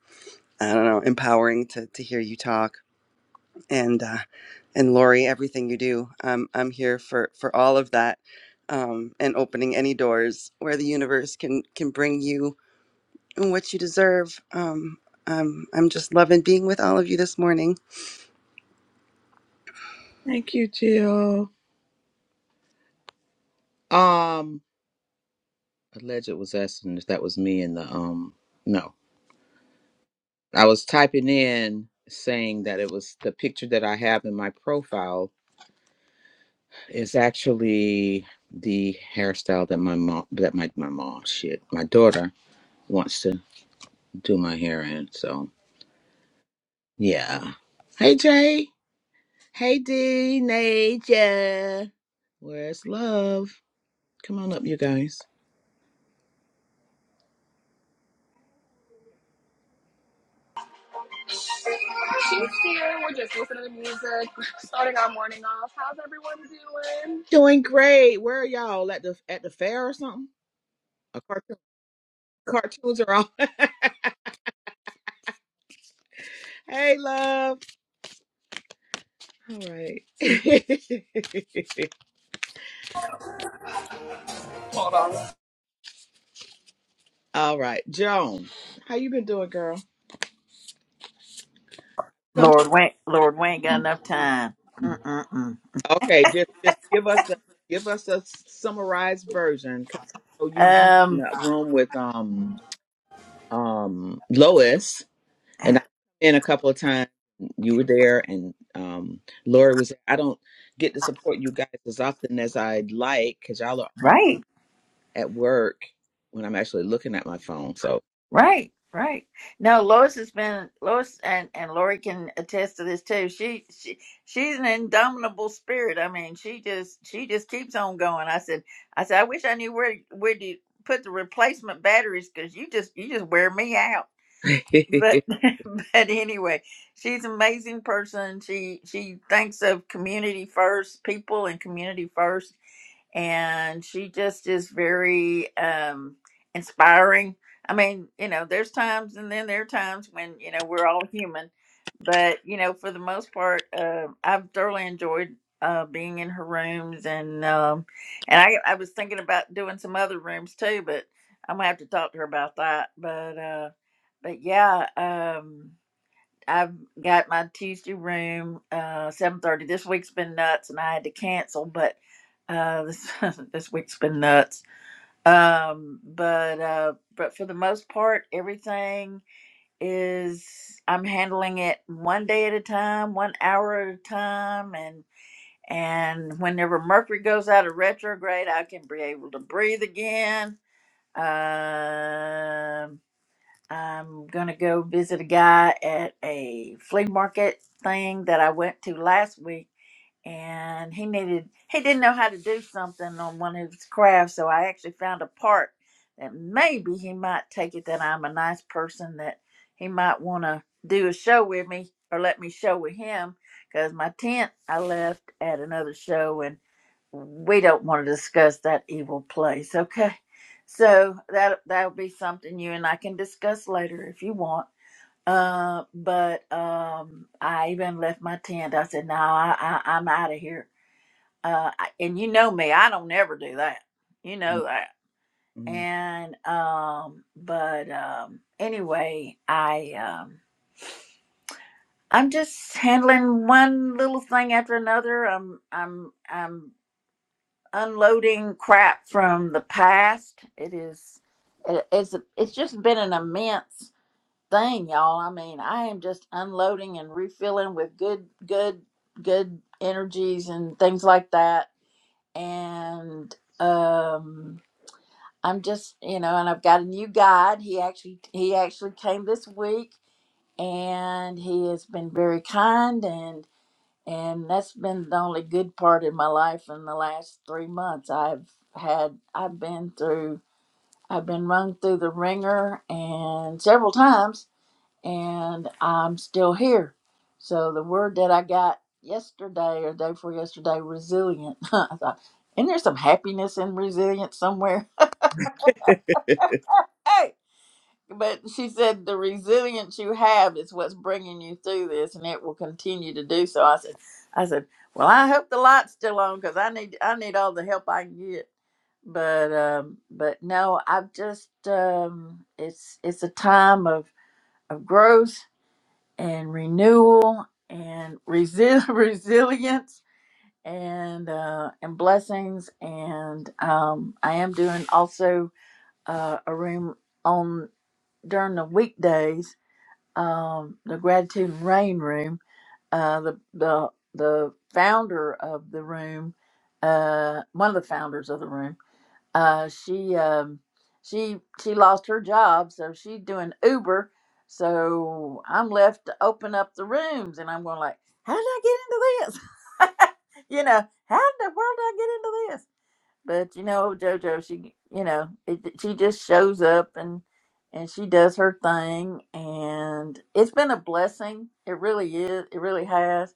Speaker 5: i don't know empowering to to hear you talk and uh and lori everything you do um i'm here for for all of that um and opening any doors where the universe can can bring you and what you deserve. Um, um, I'm just loving being with all of you this morning.
Speaker 2: Thank you, Jill. Um, alleged was asking if that was me in the um. No, I was typing in saying that it was the picture that I have in my profile is actually the hairstyle that my mom that my my mom shit my daughter wants to do my hair in. So yeah. Hey Jay. Hey D Nature. Where's love? Come on up, you guys.
Speaker 10: She's here. We're just listening to music, starting our morning off. How's everyone doing?
Speaker 2: Doing great. Where are y'all? At the at the fair or something? A cartoon. Cartoons are on. hey love. All right. All right. Joan. How you been doing, girl? Come
Speaker 8: Lord, we Lord, we ain't got enough time. Mm-mm-mm.
Speaker 2: okay, just just give us the give us a summarized version because you in
Speaker 8: Um,
Speaker 2: that room with um um, Lois, and I've been a couple of times. You were there, and um, Laura was. I don't get to support you guys as often as I'd like because y'all are on-
Speaker 8: right,
Speaker 2: at work when I'm actually looking at my phone. So,
Speaker 8: right, right. No, Lois has been Lois, and and Lori can attest to this too. She she she's an indomitable spirit. I mean, she just she just keeps on going. I said I said I wish I knew where where to put the replacement batteries because you just you just wear me out. but but anyway, she's an amazing person. She she thinks of community first, people and community first and she just is very um inspiring i mean you know there's times and then there are times when you know we're all human but you know for the most part uh, i've thoroughly enjoyed uh, being in her rooms and um and I, I was thinking about doing some other rooms too but i'm gonna have to talk to her about that but uh but yeah um I've got my Tuesday room, uh, seven thirty. This week's been nuts, and I had to cancel, but uh, this this week's been nuts. Um, but uh, but for the most part, everything is I'm handling it one day at a time, one hour at a time, and and whenever Mercury goes out of retrograde, I can be able to breathe again. Um I'm gonna go visit a guy at a flea market thing that I went to last week and he needed he didn't know how to do something on one of his crafts so i actually found a part that maybe he might take it that i'm a nice person that he might want to do a show with me or let me show with him because my tent i left at another show and we don't want to discuss that evil place okay so that that'll be something you and i can discuss later if you want uh, but um, I even left my tent. I said, "No, I, I I'm out of here." Uh, I- and you know me, I don't ever do that. You know that.
Speaker 2: Mm,
Speaker 8: And um, but um, anyway, I um, I'm just handling one little thing after another. I'm I'm I'm unloading crap from the past. It is, it, it's it's just been an immense thing, y'all. I mean, I am just unloading and refilling with good, good, good energies and things like that. And um, I'm just, you know, and I've got a new guide. He actually, he actually came this week, and he has been very kind and and that's been the only good part in my life in the last three months. I've had, I've been through, I've been rung through the ringer and several times and I'm still here. So the word that I got yesterday or day before yesterday, resilient. I thought, isn't there some happiness in resilience somewhere? Hey, but she said the resilience you have is what's bringing you through this, and it will continue to do so. I said, I said, well, I hope the light's still on because I need I need all the help I can get. But um, but no, I've just um, it's it's a time of of growth and renewal and resi- resilience and uh, and blessings and um, I am doing also uh, a room on during the weekdays um, the gratitude and rain room uh, the the the founder of the room uh, one of the founders of the room uh, she um, she she lost her job, so she's doing Uber. So I'm left to open up the rooms, and I'm going like, how did I get into this? you know, how in the world did I get into this? But you know, JoJo, she you know, it, she just shows up and and she does her thing, and it's been a blessing. It really is. It really has.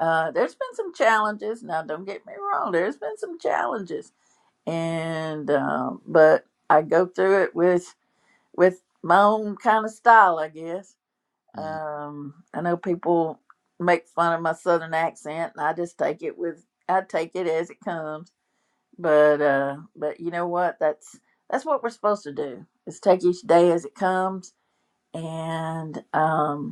Speaker 8: Uh, there's been some challenges. Now, don't get me wrong. There's been some challenges and um, but I go through it with with my own kind of style, I guess.
Speaker 2: mm,
Speaker 8: Um, I know people make fun of my southern accent, and I just take it with I take it as it comes. But uh, but you know what? That's that's what we're supposed to do. Is take each day as it comes, and um,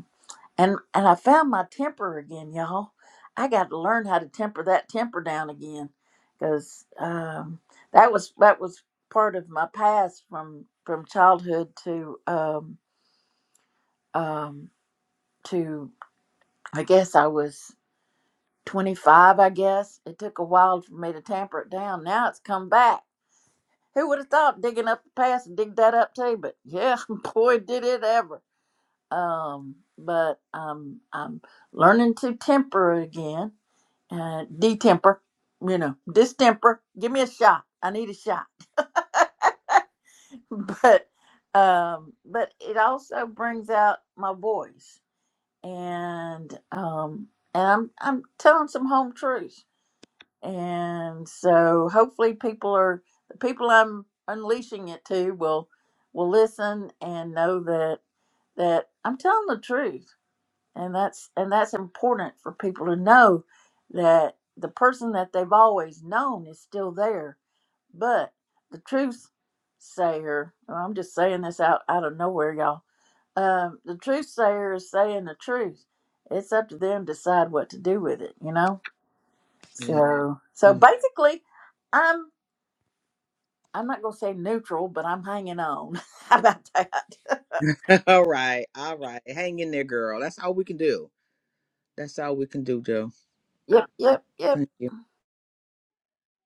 Speaker 8: and and I found my temper again, y'all. I got to learn how to temper that temper down again, because um, that was that was part of my past from from childhood to um, um, to I guess I was 25. I guess it took a while for me to tamper it down. Now it's come back. Who would have thought digging up the past and dig that up too? But yeah, boy, did it ever. Um, but um, I'm learning to temper again uh, detemper, you know, distemper. Give me a shot. I need a shot. But, um, but it also brings out my voice, and um, and I'm I'm telling some home truths, and so hopefully people are the people I'm unleashing it to will will listen and know that that I'm telling the truth and that's and that's important for people to know that the person that they've always known is still there but the truth sayer well, i'm just saying this out out of nowhere y'all um, the truth sayer is saying the truth it's up to them to decide what to do with it you know
Speaker 2: yeah,
Speaker 8: so so
Speaker 2: yeah.
Speaker 8: basically i'm i'm not going to say neutral but i'm hanging on how about that
Speaker 2: All right, all right. Hang in there, girl. That's all we can do. That's all we can do, Joe.
Speaker 8: yep yep yep
Speaker 2: Thank you.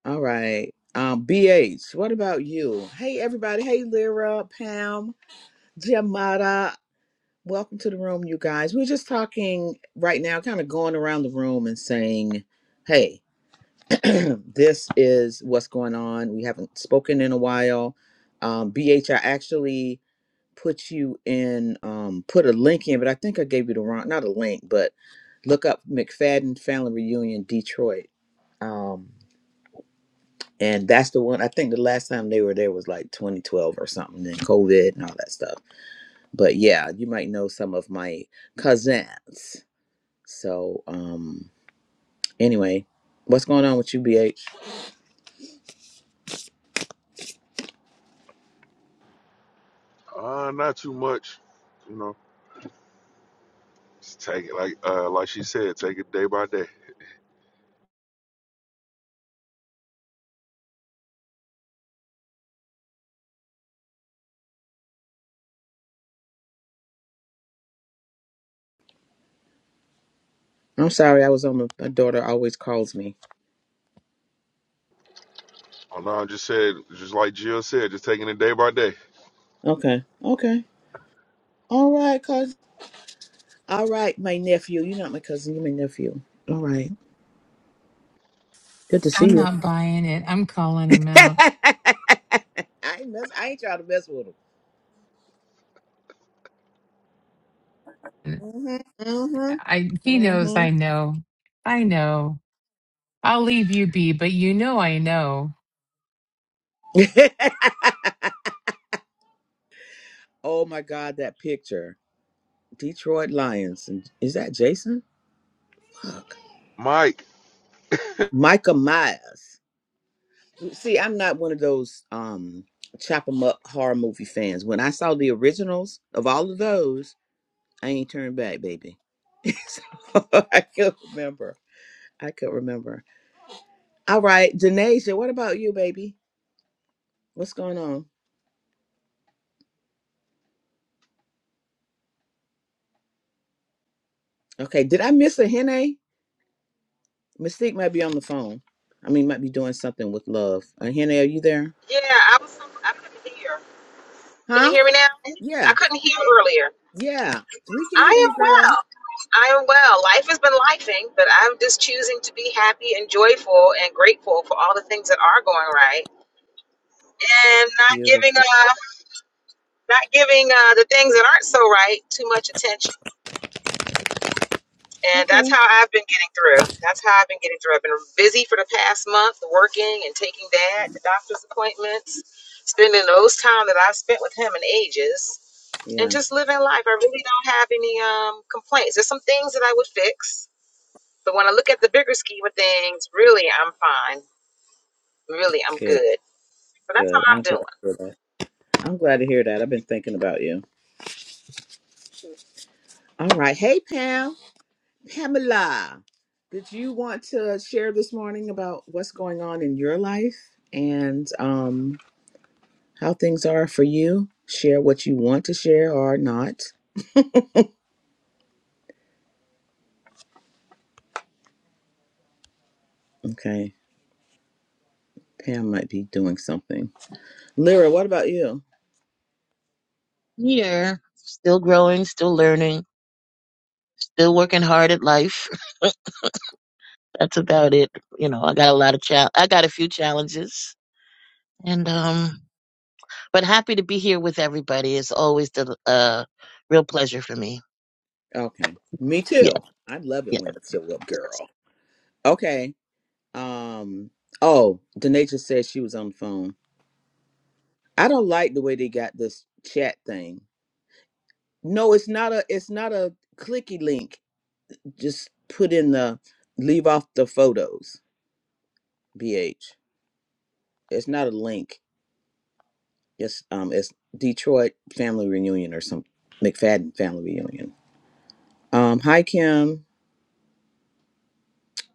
Speaker 2: All right. Um, BH, what about you? Hey, everybody. Hey, Lyra, Pam, Jamada. Welcome to the room, you guys. We're just talking right now, kind of going around the room and saying, hey, this is what's going on. We haven't spoken in a while. Um, BH, I actually put you in, um, put a link in, but I think I gave you the wrong, not a link, but look up McFadden Family Reunion Detroit. Um, and that's the one, I think the last time they were there was like 2012 or something, and COVID and all that stuff. But yeah, you might know some of my cousins So, um, anyway, what's going on with you, BH?
Speaker 9: right? Uh, not too much. You know, just take it like uh, like she said, take it day by day.
Speaker 2: I'm sorry, I was on my, my daughter always calls me.
Speaker 9: Oh, no, I just said, just like Jill said, just taking it day by day.
Speaker 2: Okay, okay. All right, cousin. All right, my nephew. You're not my cousin, you're my nephew. All right. Good to see
Speaker 1: I'm
Speaker 2: you.
Speaker 1: not buying it. I'm calling him out.
Speaker 2: I ain't mess I ain't trying to mess with him. Mm-hmm.
Speaker 1: I he knows
Speaker 2: Mm-hmm.
Speaker 1: I know. I know. I'll leave you be, but you know I know.
Speaker 2: Mm-hmm. oh my god, that picture. Detroit Lions. Is that Jason? Fuck.
Speaker 9: Mike.
Speaker 2: Micah Myers. Mm, See, I'm not one of those um chop 'em up horror movie fans. When I saw the originals of all of those, I ain't turned back, baby. so I could remember. I could remember. All right, Denasia, what about you, baby? What's going on? Okay, did I miss a Hene? Mystique might be on the phone. I mean, might be doing something with love. Uh, Hene, are you there?
Speaker 6: Yeah, I was. so, I couldn't hear. Can you
Speaker 2: Huh?
Speaker 6: hear me now? I
Speaker 2: Yeah,
Speaker 6: couldn't hear earlier.
Speaker 2: yeah. We can hear
Speaker 6: I am
Speaker 2: you, girl.
Speaker 6: well. I am well. Life has been lifing, but I'm just choosing to be happy and joyful and grateful for all the things that are going right, and not giving
Speaker 2: Beautiful.
Speaker 6: uh not giving uh the things that aren't so right too much attention. And that's
Speaker 2: Okay.
Speaker 6: how I've been getting through. That's how I've been getting through. I've been busy for the past month working and taking dad to doctor's appointments, spending those time that I've spent with him in ages, and
Speaker 2: Yeah,
Speaker 6: just living life. I really don't have any um, complaints. There's some things that I would fix, but when I look at the bigger scheme of things, really, I'm fine. Really, I'm
Speaker 2: good,
Speaker 6: good. So that's
Speaker 2: good.
Speaker 6: how
Speaker 2: I'm
Speaker 6: I'm
Speaker 2: glad
Speaker 6: doing.
Speaker 2: to hear that. I'm glad to hear that. I've been thinking about you. All right. Hey, Pam. Pamela, did you want to share this morning about what's going on in your life and um, how things are for you? Share what you want to share or not. Okay. Pam might be doing something. Lyra, what about you?
Speaker 11: Yeah, still growing, still learning, still working hard at life. That's about it. You know, I got a lot of chal. I got a few challenges, and um, but happy to be here with everybody. It's always the uh, real pleasure for me.
Speaker 2: Okay. Me
Speaker 11: Yeah,
Speaker 2: too. I love it
Speaker 11: yeah.
Speaker 2: when you show up, girl. Okay. Um. Oh, Danae just said she was on the phone. I don't like the way they got this chat thing. No, it's not a it's not a clicky link. Just put in the leave off the photos. BH. It's not a link. It's um it's Detroit family reunion or some McFadden family reunion. Um hi Kim.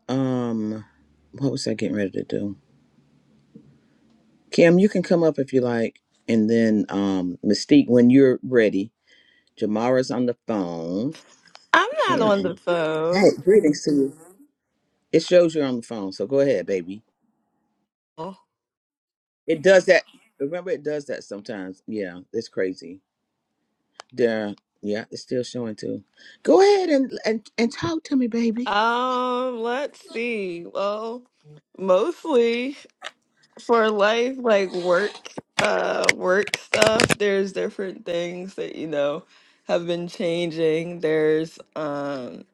Speaker 2: Um what was I getting ready to do? Kim, you can come up if you like. And then um Mystique when you're ready. Jamara's on the phone.
Speaker 12: I'm not on
Speaker 2: Kim.
Speaker 12: the
Speaker 2: Hey,
Speaker 12: phone.
Speaker 2: greetings to you. It shows you're on the phone, so go ahead, baby. It does that. Remember, it does that sometimes. Yeah, it's crazy. There, yeah, it's still showing too. Go ahead and and and talk to me, baby.
Speaker 12: Um, let's see. Well, mostly for life, like work, uh, work stuff, there's different things that, you know, have been changing. There's, um,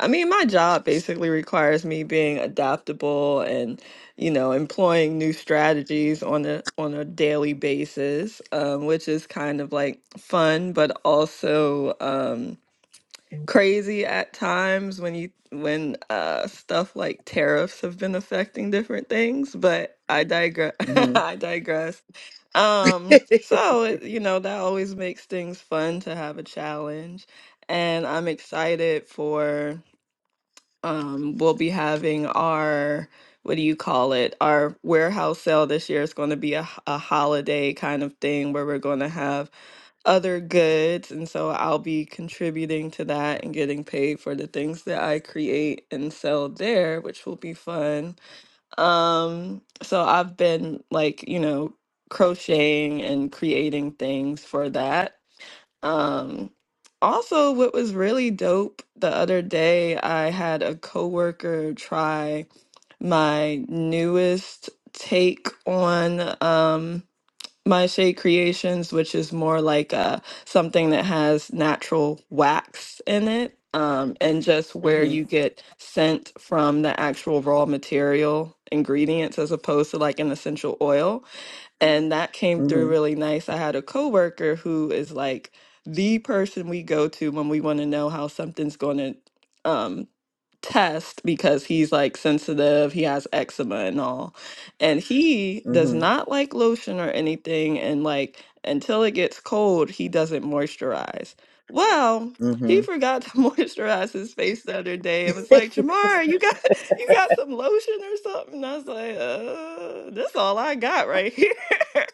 Speaker 12: I mean, my job basically requires me being adaptable and, you know, employing new strategies on a on a daily basis, um, which is kind of like fun, but also, um, crazy at times when you when uh stuff like tariffs have been affecting different things but i digress
Speaker 2: hmm
Speaker 12: i digress um so it, you know that always makes things fun to have a challenge and i'm excited for um we'll be having our what do you call it our warehouse sale this year is going to be a, h- a holiday kind of thing where we're going to have other goods and so I'll be contributing to that and getting paid for the things that I create and sell there, which will be fun. Um so I've been like, you know, crocheting and creating things for that. Um also what was really dope the other day, I had a coworker try my newest take on um my shea creations which is more like uh something that has natural wax in it um and just where
Speaker 2: Mm-hmm.
Speaker 12: you get scent from the actual raw material ingredients as opposed to like an essential oil and that came through
Speaker 2: Mm-hmm.
Speaker 12: really nice i had a coworker who is like the person we go to when we want to know how something's going to um, test because he's like sensitive, he has eczema and all. And he does
Speaker 2: Mm-hmm.
Speaker 12: not like lotion or anything and like until it gets cold, he doesn't moisturize. Well, he
Speaker 2: Mm-hmm.
Speaker 12: forgot to moisturize his face the other day and was like, "Jamar, you got you got some lotion or something?" And I was like, "Uh, this all I got right here."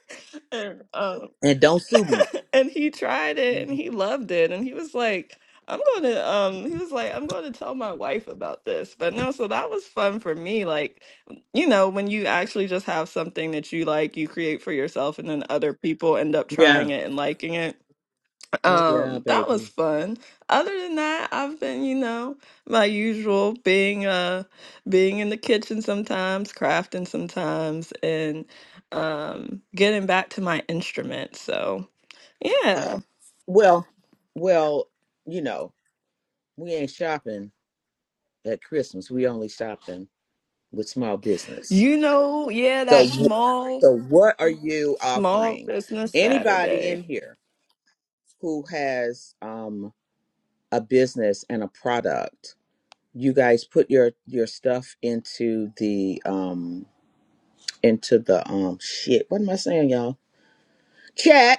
Speaker 12: And, um,
Speaker 2: and don't sue me.
Speaker 12: and he tried it and
Speaker 2: Mhm.
Speaker 12: he loved it and he was like i'm going to um he was like i'm going to tell my wife about this but no so that was fun for me like you know when you actually just have something that you like you create for yourself and then other people end up
Speaker 2: Yeah.
Speaker 12: trying it and liking it
Speaker 2: Oh yeah,
Speaker 12: um that was
Speaker 2: baby.
Speaker 12: fun other than that i've been you know my usual being uh being in the kitchen sometimes crafting sometimes and um getting back to my instrument so yeah.
Speaker 2: Well, well, you know, we ain't shopping. at Christmas. We only shopping with small business.
Speaker 12: You know, yeah,
Speaker 2: So,
Speaker 12: that small,
Speaker 2: so what are you
Speaker 12: small
Speaker 2: offering?
Speaker 12: business
Speaker 2: Anybody in
Speaker 12: Saturday.
Speaker 2: here who has um, a business and a product, you guys put your your stuff into the um into the um shit. What am I saying, y'all? Chat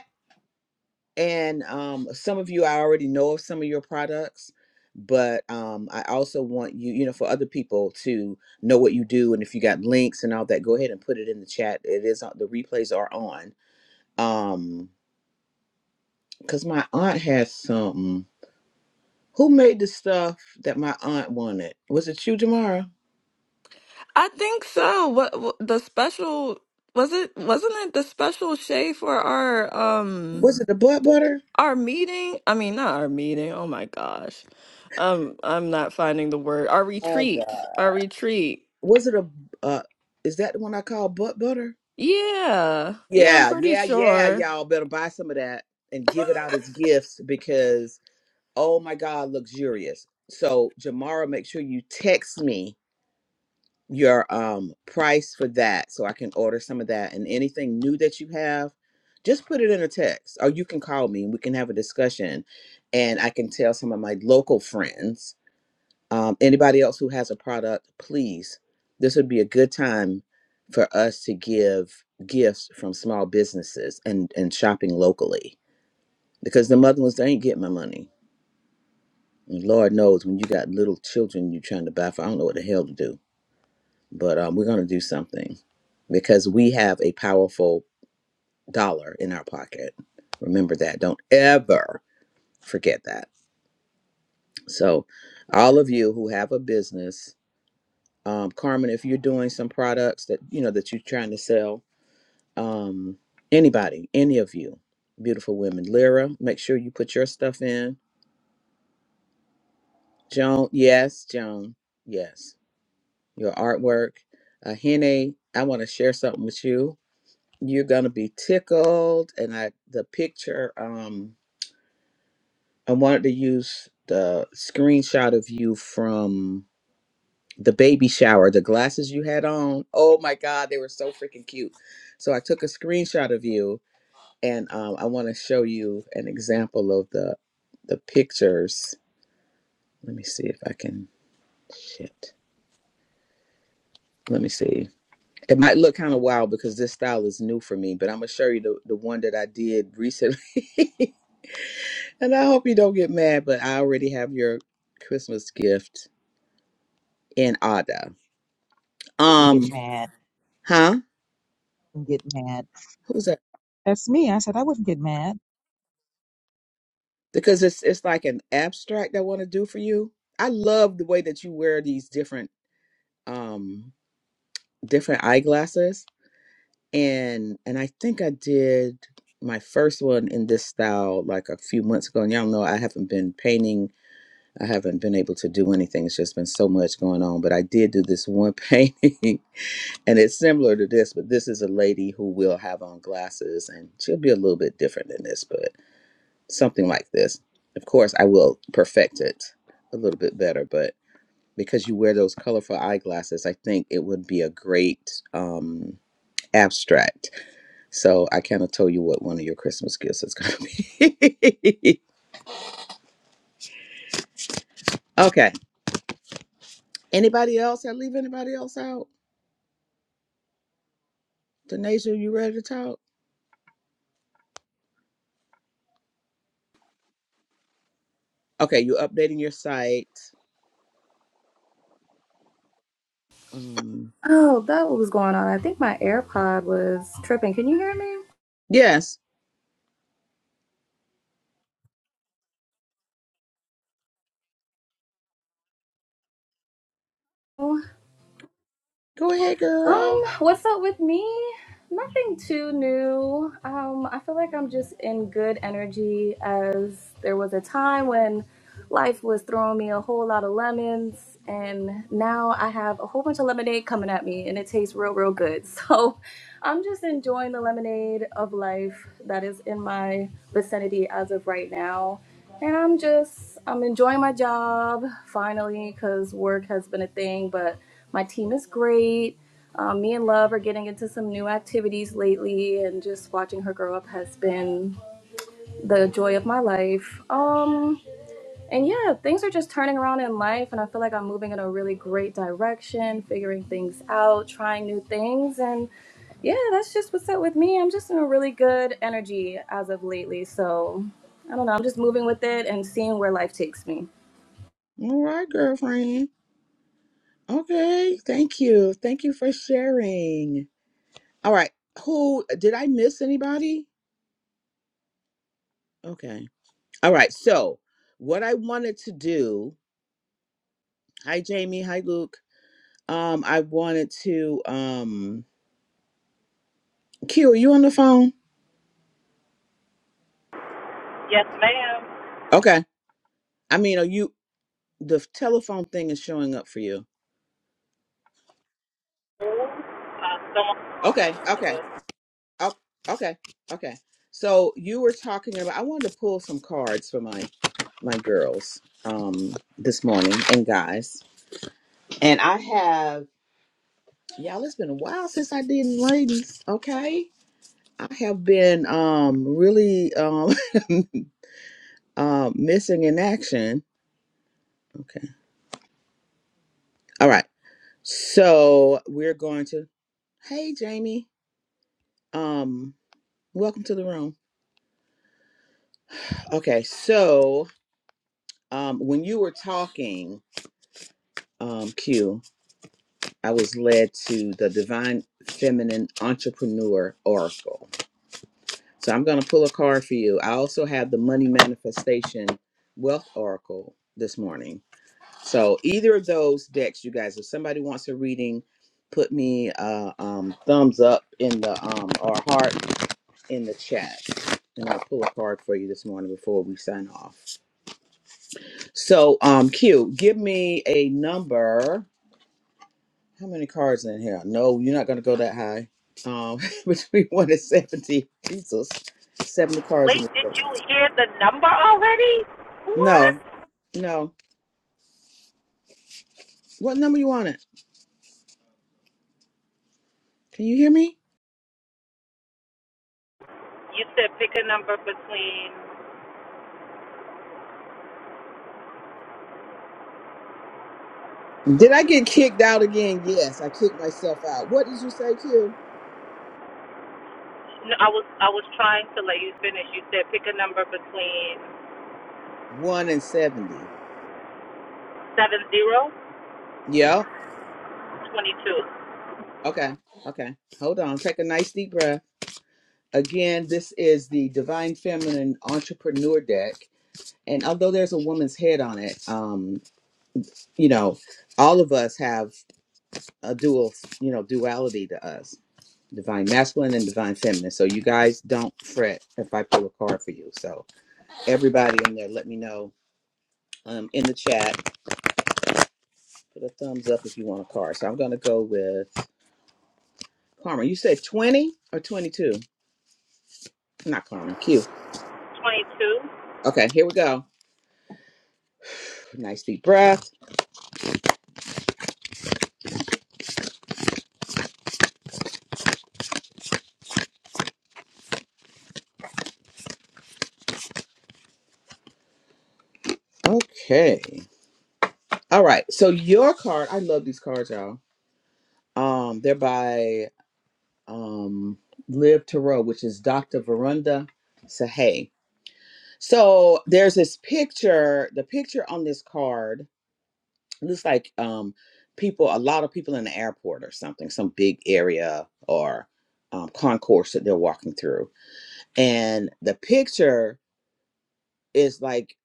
Speaker 2: And um, some of you, I already know of some of your products, but um, I also want you, you know, for other people to know what you do. And if you got links and all that, go ahead and put it in the chat. It is on, the replays are on. Um, cause my aunt has something. Who made the stuff that my aunt wanted? Was it you, Jamara?
Speaker 12: I think so. What, what the special was it? Wasn't it the special Shay for our um
Speaker 2: Was it the butt butter?
Speaker 12: our meeting? I mean, not our meeting. Oh my gosh, um, I'm not finding the word. Our
Speaker 2: Oh God.
Speaker 12: retreat. Our retreat.
Speaker 2: Was it a uh? Is that the one I call butt butter?
Speaker 12: Yeah, yeah, I'm
Speaker 2: Yeah,
Speaker 12: pretty
Speaker 2: yeah, yeah.
Speaker 12: sure.
Speaker 2: Y'all better buy some of that and give it out as gifts because Oh my God, luxurious. So Jamara, make sure you text me your um price for that so I can order some of that and anything new that you have, just put it in a text. Or you can call me and we can have a discussion and I can tell some of my local friends. Um, anybody else who has a product, please, this would be a good time for us to give gifts from small businesses and, and shopping locally. Because the motherless, they ain't getting my money And Lord knows when you got little children, you're trying to buy for, I don't know what the hell to do, but um, we're going to do something because we have a powerful dollar in our pocket. Remember that. Don't ever forget that. So, all of you who have a business, um, Carmen, if you're doing some products that you know that you're trying to sell, um, anybody, any of you, beautiful women, Lyra, make sure you put your stuff in. Joan, yes, Joan, yes your artwork. Uh, Hene, I want to share something with you. You're gonna be tickled, and I the picture. Um, I wanted to use the screenshot of you from the baby shower, the glasses you had on. Oh my God, they were so freaking cute. So I took a screenshot of you, and um, I want to show you an example of the the pictures. Let me see if I can. Shit. Let me see. It might look kind of wild because this style is new for me, but I'm gonna show you the, the one that I did recently. and I hope you don't get mad, but I already have your Christmas gift in order.
Speaker 6: Wouldn't get
Speaker 2: Um,
Speaker 6: mad.
Speaker 2: huh?
Speaker 6: Wouldn't get mad.
Speaker 2: Who's that?
Speaker 6: That's me. I said I wouldn't get mad.
Speaker 2: Because it's it's like an abstract I want to do for you. I love the way that you wear these different um different eyeglasses. And and I think I did my first one in this style like a few months ago. And y'all know I haven't been painting I haven't been able to do anything. It's just been so much going on. But I did do this one painting, and it's similar to this, but this is a lady who will have on glasses, and she'll be a little bit different than this, but something like this. Of course, I will perfect it a little bit better, but because you wear those colorful eyeglasses, I think it would be a great um, abstract. So I kind of told you what one of your Christmas gifts is going to be. okay. Anybody else? I leave anybody else out? Denasia, you ready to talk? Okay, you updating your site. Um,
Speaker 10: Oh, that was going on. I think my AirPod was tripping. Can you hear me?
Speaker 2: yes.
Speaker 10: Oh,
Speaker 2: Go ahead,
Speaker 10: Um,
Speaker 2: girl.
Speaker 10: what's up with me? Nothing too new. Um, I feel like I'm just in good energy as there was a time when life was throwing me a whole lot of lemons and now I have a whole bunch of lemonade coming at me and it tastes real real good. So, I'm just enjoying the lemonade of life that is in my vicinity as of right now. And I'm just I'm enjoying my job finally cuz work has been a thing, but my team is great um, me and Love are getting into some new activities lately, and just watching her grow up has been the joy of my life. Um, and yeah, things are just turning around in life, and I feel like I'm moving in a really great direction, figuring things out, trying new things, and yeah, that's just what's up with me. I'm just in a really good energy as of lately, so I don't know. I'm just moving with it and seeing where life takes me.
Speaker 2: All right, girlfriend. Okay, thank you. Thank you for sharing. All right, who did I miss anybody? Okay. All right, so what I wanted to do. Hi, Jamie. Hi, Luke. Um, I wanted to. Um, Q, are you on the phone?
Speaker 3: Yes, ma'am.
Speaker 2: Okay. I mean, are you? The telephone thing is showing up for you.
Speaker 3: Uh,
Speaker 2: Okay. Okay.
Speaker 3: someone
Speaker 2: Oh, okay, okay. So you were talking about. I wanted to pull some cards for my my girls um this morning and guys, and I have y'all. It's been a while since I did ladies. Okay, I have been um really um um missing in action. Okay, all right. So we're going to. Hey, Jamie. Um, welcome to the room. Okay, so um, when you were talking, um, Q. I was led to the Divine Feminine Entrepreneur Oracle. So I'm going to pull a card for you. I also have the Money Manifestation Wealth Oracle this morning. So either of those decks, you guys, if somebody wants a reading, put me uh, um, thumbs up in the um, or heart in the chat. And I'll pull a card for you this morning before we sign off. So, um, Q, give me a number How many cards in here? No, you're not gonna go that high. Um, between one and seventy, Jesus, seventy cards in
Speaker 3: Wait,
Speaker 2: the
Speaker 3: did
Speaker 2: deck.
Speaker 3: you hear the number already? What?
Speaker 2: No, no. What number you want it? Can you hear me?
Speaker 3: You said pick a number between.
Speaker 2: Did I get kicked out again? Yes, I kicked myself out. What did you say, Q?
Speaker 3: No, I was I was trying to let you finish. You said pick a number between
Speaker 2: One and seventy.
Speaker 3: seven zero
Speaker 2: Yep.
Speaker 3: twenty two
Speaker 2: Okay. Okay. Hold on. Take a nice deep breath. Again, this is the Divine Feminine Entrepreneur deck, and although there's a woman's head on it, um, you know, all of us have. a dual, you know, duality to us, divine masculine and divine feminine. So you guys don't fret if I pull a card for you. So everybody in there, let me know um, in the chat. Put a thumbs up if you want a card. So I'm gonna go with Carmen. You said 20 or 22? Not Carmen. Q.
Speaker 3: twenty two.
Speaker 2: Okay, here we go. Nice deep breath. Okay. All right. So your card, I love these cards, y'all. Um, they're by um Live Tarot, which is Dr. Verunda Sahay So there's this picture. The picture on this card looks like um people, a lot of people in the airport or something, some big area or um, concourse that they're walking through, and the picture is like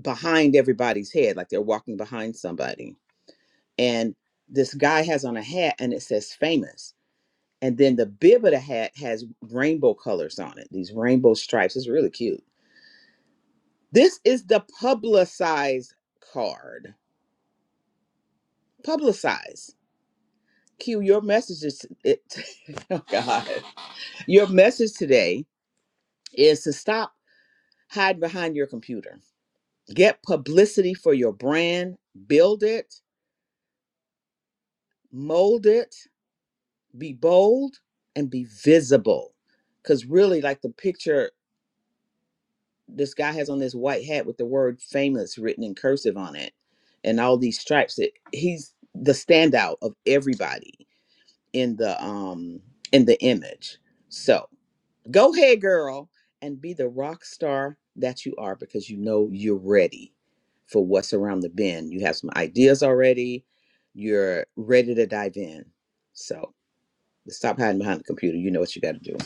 Speaker 2: behind everybody's head, like they're walking behind somebody, and this guy has on a hat and it says famous. And then the bib of the hat has rainbow colors on it, these rainbow stripes. It's really cute. This is the publicized card publicize. Q, your message is it, oh God. Your message today is to stop hiding behind your computer. Get publicity for your brand, build it, mold it, be bold, and be visible. Because really, like the picture this guy has on this white hat with the word famous written in cursive on it and all these stripes, it, he's the standout of everybody in the um in the image. So. Go ahead, girl, and be the rock star that you are because you know you're ready for what's around the bend. You have some ideas already, you're ready to dive in. So stop hiding behind the computer. You know what you got to do.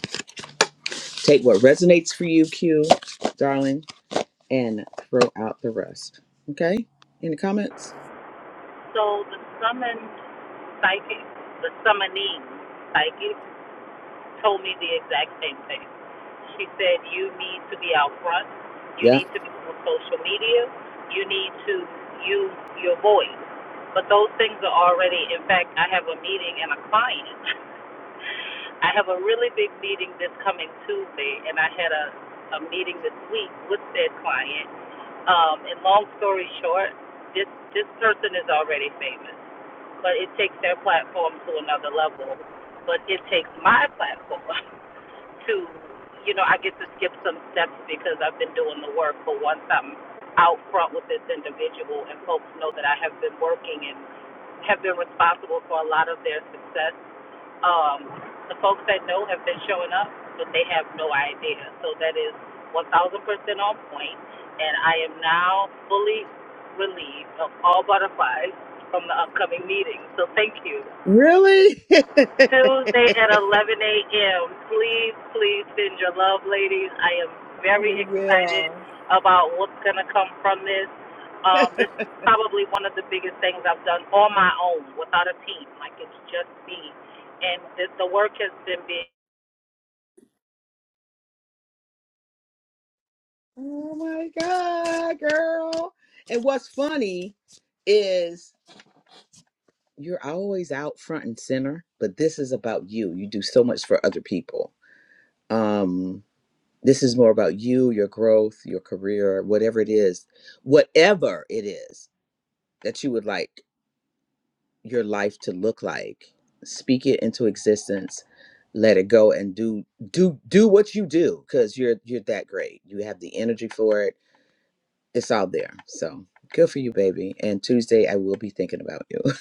Speaker 2: Take what resonates for you, Q, darling, and throw out the rest. Okay? Any comments?
Speaker 3: So the summoned psychic, the summoning psychic, told me the exact same thing. She said, You need to be out front. You
Speaker 2: Yeah.
Speaker 3: need to be on social media. You need to use your voice. But those things are already, in fact, I have a meeting and a client. I have a really big meeting this coming Tuesday, and I had a, a meeting this week with said client. Um, and long story short, this, this person is already famous, but it takes their platform to another level. But it takes my platform to, you know, I get to skip some steps because I've been doing the work. But once I'm out front with this individual and folks know that I have been working and have been responsible for a lot of their success, um, the folks that know have been showing up, but they have no idea. So that is 1,000% on point, and I am now fully relieved of all butterflies from the upcoming meeting. So thank you.
Speaker 2: Really?
Speaker 3: Tuesday at 11 a.m. Please, please send your love, ladies. I am very excited about what's going to come from this. Um, this is probably one of the biggest things I've done on my own without a team. Like, it's just me. And this, the work has been big.
Speaker 2: oh my God, girl. And what's funny is you're always out front and center, but this is about you. You do so much for other people. Um, this is more about you, your growth, your career, whatever it is, whatever it is that you would like your life to look like. Speak it into existence, let it go, and do do do what you do because you're you're that great. You have the energy for it. It's all there. So good for you, baby. And Tuesday I will be thinking about you.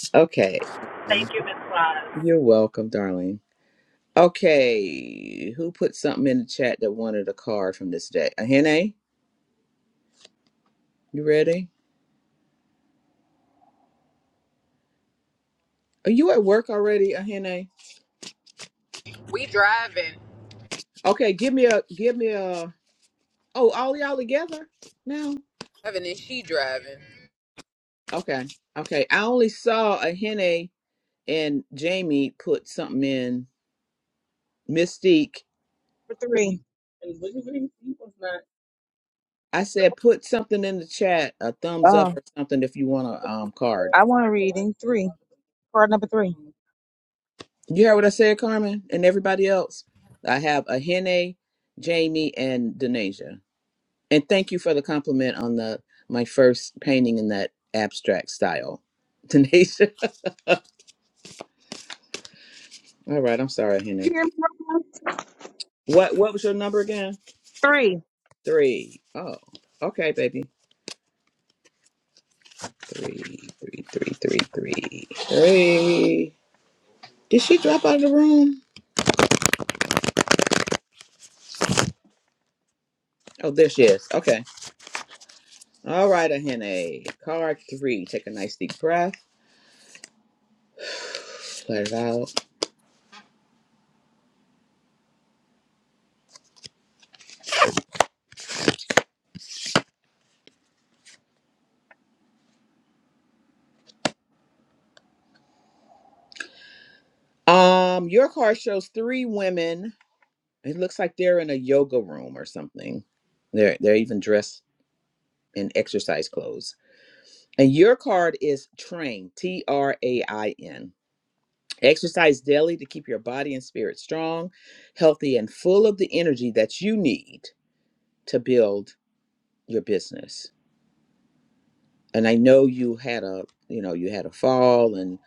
Speaker 2: okay. Um,
Speaker 3: Thank you, Ms. Claus.
Speaker 2: you're welcome, darling. Okay, who put something in the chat that wanted a card from this day? Ahene, you ready? Are you at work already, Ahene?
Speaker 4: We driving.
Speaker 2: Okay, give me a give me a. Oh, all y'all together now?
Speaker 4: Driving and she driving.
Speaker 2: Okay, okay. I only saw Ahene and Jamie put something in Mystique. I said put something in the chat, a thumbs up or something if you want a um card.
Speaker 6: I want Three, three.
Speaker 2: You heard what I said, Carmen, and everybody else. I have Ahene, Jamie, and Denasia. And thank you for the compliment on the my first painting in that abstract style. Tanisha. All right, I'm sorry,
Speaker 6: You
Speaker 2: Henry.
Speaker 6: hear me?
Speaker 2: What what was your number again?
Speaker 6: three.
Speaker 2: Three. Oh. Okay, baby. Three, three, three, three, three, three. Did she drop out of the room? Oh, there she is. Okay. All right, Ahene. Card three. Take a nice deep breath. Let it out. Um, your card shows three women. It looks like they're in a yoga room or something. They're they're even dressed and exercise clothes. And your card is train, T R A I N. Exercise daily to keep your body and spirit strong, healthy, and full of the energy that you need to build your business. And I know you had a, you know, you had a fall and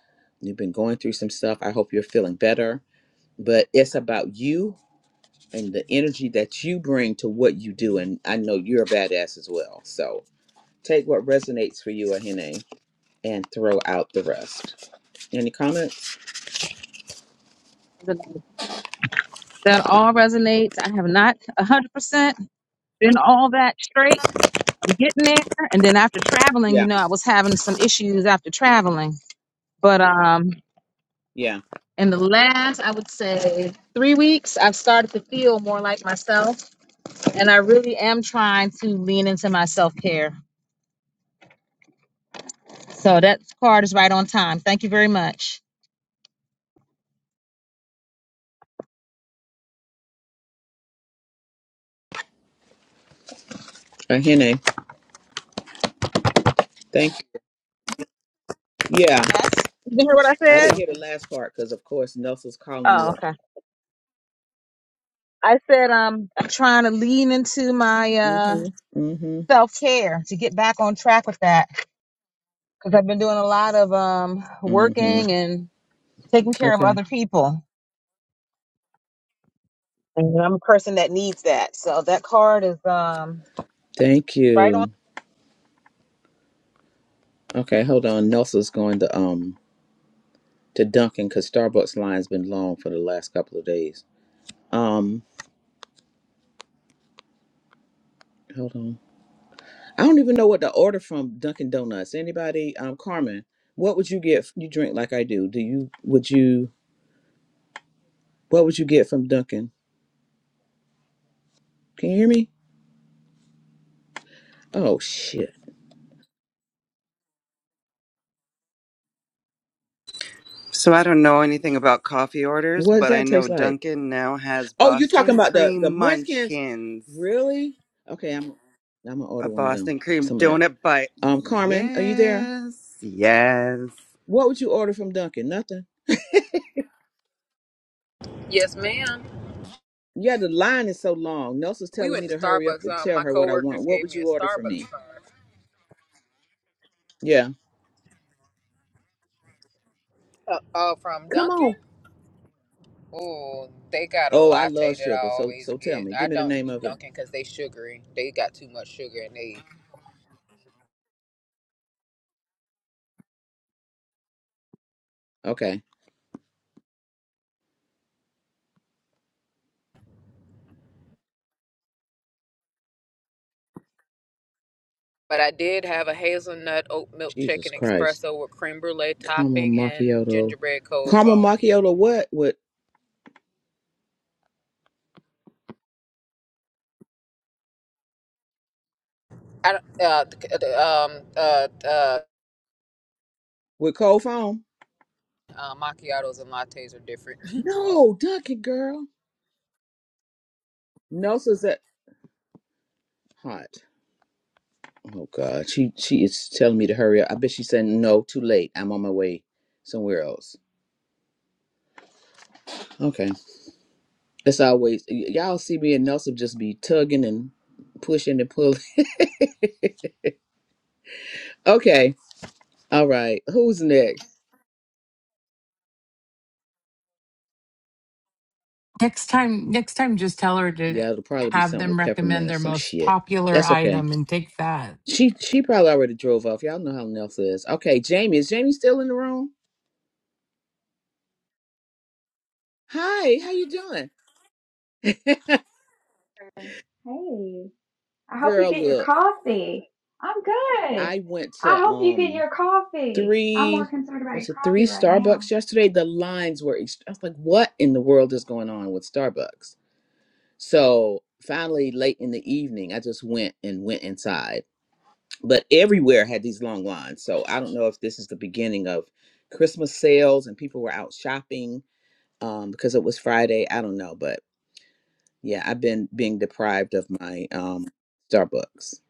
Speaker 2: you've been going through some stuff. I hope you're feeling better, but it's about you and the energy that you bring to what you do. And I know you're a badass as well. So take what resonates for you, Ahene, and throw out the rest. Any comments?
Speaker 6: That all resonates. I have not a hundred percent. been all that straight. I'm getting there. And then after traveling, you
Speaker 2: Yeah,
Speaker 6: know, I was having some issues after traveling. But um
Speaker 2: yeah.
Speaker 6: in the
Speaker 2: yeah.
Speaker 6: last, I would say three weeks, I've started to feel more like myself. And I really am trying to lean into my self care. So that card is right on time. Thank you very much.
Speaker 2: I Thank you. Yeah,
Speaker 6: Yes. you hear what I
Speaker 2: I
Speaker 6: said?
Speaker 2: didn't hear the last part because, of course, Nelson's calling me.
Speaker 6: Oh, okay. I said um I'm trying to lean into my uh
Speaker 2: Mm-hmm. Mm-hmm.
Speaker 6: self care to get back on track with that because I've been doing a lot of um working
Speaker 2: Mm-hmm.
Speaker 6: and taking care of
Speaker 2: Okay.
Speaker 6: other people. And I'm a person that needs that. So that card is um
Speaker 2: Thank
Speaker 6: right on.
Speaker 2: you. Okay, hold on. Nelson's going to um to Dunkin' because Starbucks line's been long for the last couple of days. Um, hold on. I don't even know what to order from Dunkin' Donuts. Anybody? Um, Carmen, what would you get? You drink like I do. Do you? Would you? What would you get from Dunkin'? Can you hear me? Oh shit.
Speaker 5: So I don't know anything about coffee orders,
Speaker 2: What does
Speaker 5: but I
Speaker 2: that
Speaker 5: know
Speaker 2: taste like?
Speaker 5: Dunkin' now has
Speaker 2: Oh, you talking
Speaker 5: Boston
Speaker 2: about the the
Speaker 5: cream
Speaker 2: Munchkins?
Speaker 5: munchkins,
Speaker 2: Really? Okay, I'm I'm gonna
Speaker 5: a
Speaker 2: order one of them.
Speaker 5: Boston cream
Speaker 2: Some of that.
Speaker 5: donut bite.
Speaker 2: Um, Carmen, are you there?
Speaker 5: Yes, yes.
Speaker 2: What would you order from Dunkin'? Nothing.
Speaker 4: Yes, ma'am.
Speaker 2: Yeah, the line is so long. Nelson's
Speaker 4: We
Speaker 2: telling me
Speaker 4: went to
Speaker 2: to hurry up
Speaker 4: Starbucks.
Speaker 2: and
Speaker 4: Um,
Speaker 2: tell
Speaker 4: my
Speaker 2: her what I want.
Speaker 4: coworkers
Speaker 2: What
Speaker 4: gave
Speaker 2: would
Speaker 4: me a
Speaker 2: you order for me?
Speaker 4: Starbucks card.
Speaker 2: Yeah.
Speaker 4: Uh, uh from
Speaker 2: Come on.
Speaker 4: Dunkin'. Oh, they got a
Speaker 2: Oh, I
Speaker 4: latte
Speaker 2: love
Speaker 4: that I
Speaker 2: sugar. So
Speaker 4: always
Speaker 2: so tell
Speaker 4: get.
Speaker 2: me.
Speaker 4: I
Speaker 2: Give me the
Speaker 4: don't
Speaker 2: name
Speaker 4: do
Speaker 2: of it.
Speaker 4: Dunkin' because they sugary. They got too much sugar and they
Speaker 2: Okay.
Speaker 4: But I did have a hazelnut oat milk
Speaker 2: Jesus
Speaker 4: chicken
Speaker 2: Christ.
Speaker 4: espresso with creme brulee
Speaker 2: Come on,
Speaker 4: topping and
Speaker 2: macchiato.
Speaker 4: gingerbread cold
Speaker 2: Caramel
Speaker 4: foam.
Speaker 2: macchiato. What with
Speaker 4: I don't, uh, the- um, uh, uh,
Speaker 2: with cold foam?
Speaker 4: uh, macchiatos and lattes are different.
Speaker 2: No, Dunkin' girl. Nelson's at hot. Oh God, she she is telling me to hurry up. I bet she's saying no, too late. I'm on my way somewhere else. Okay, it's always y- y'all see me and Nelson just be tugging and pushing and pulling. Okay, all right, who's next?
Speaker 1: Next time next time just tell her to
Speaker 2: Yeah, it'll probably be
Speaker 1: have
Speaker 2: something
Speaker 1: them
Speaker 2: with peppermint
Speaker 1: recommend
Speaker 2: or
Speaker 1: their
Speaker 2: some
Speaker 1: most
Speaker 2: shit.
Speaker 1: popular
Speaker 2: That's okay.
Speaker 1: item and take that.
Speaker 2: She she probably already drove off. Y'all know how Nelson is. Okay, Jamie is Jamie still in the room? Hi, how you doing?
Speaker 13: Hey, I hope you
Speaker 2: Girl,
Speaker 13: get your
Speaker 2: look,
Speaker 13: coffee. I'm good.
Speaker 2: I went
Speaker 13: I
Speaker 2: to
Speaker 13: hope you get
Speaker 2: um
Speaker 13: your coffee. I'm more
Speaker 2: three
Speaker 13: concerned about
Speaker 2: was
Speaker 13: your
Speaker 2: it
Speaker 13: coffee
Speaker 2: three
Speaker 13: right now.
Speaker 2: Starbucks yesterday? The lines were ex- I was like, what in the world is going on with Starbucks? So finally, late in the evening, I just went and went inside. But everywhere had these long lines. So I don't know if this is the beginning of Christmas sales and people were out shopping um, because it was Friday. I don't know, but yeah, I've been being deprived of my um, Starbucks.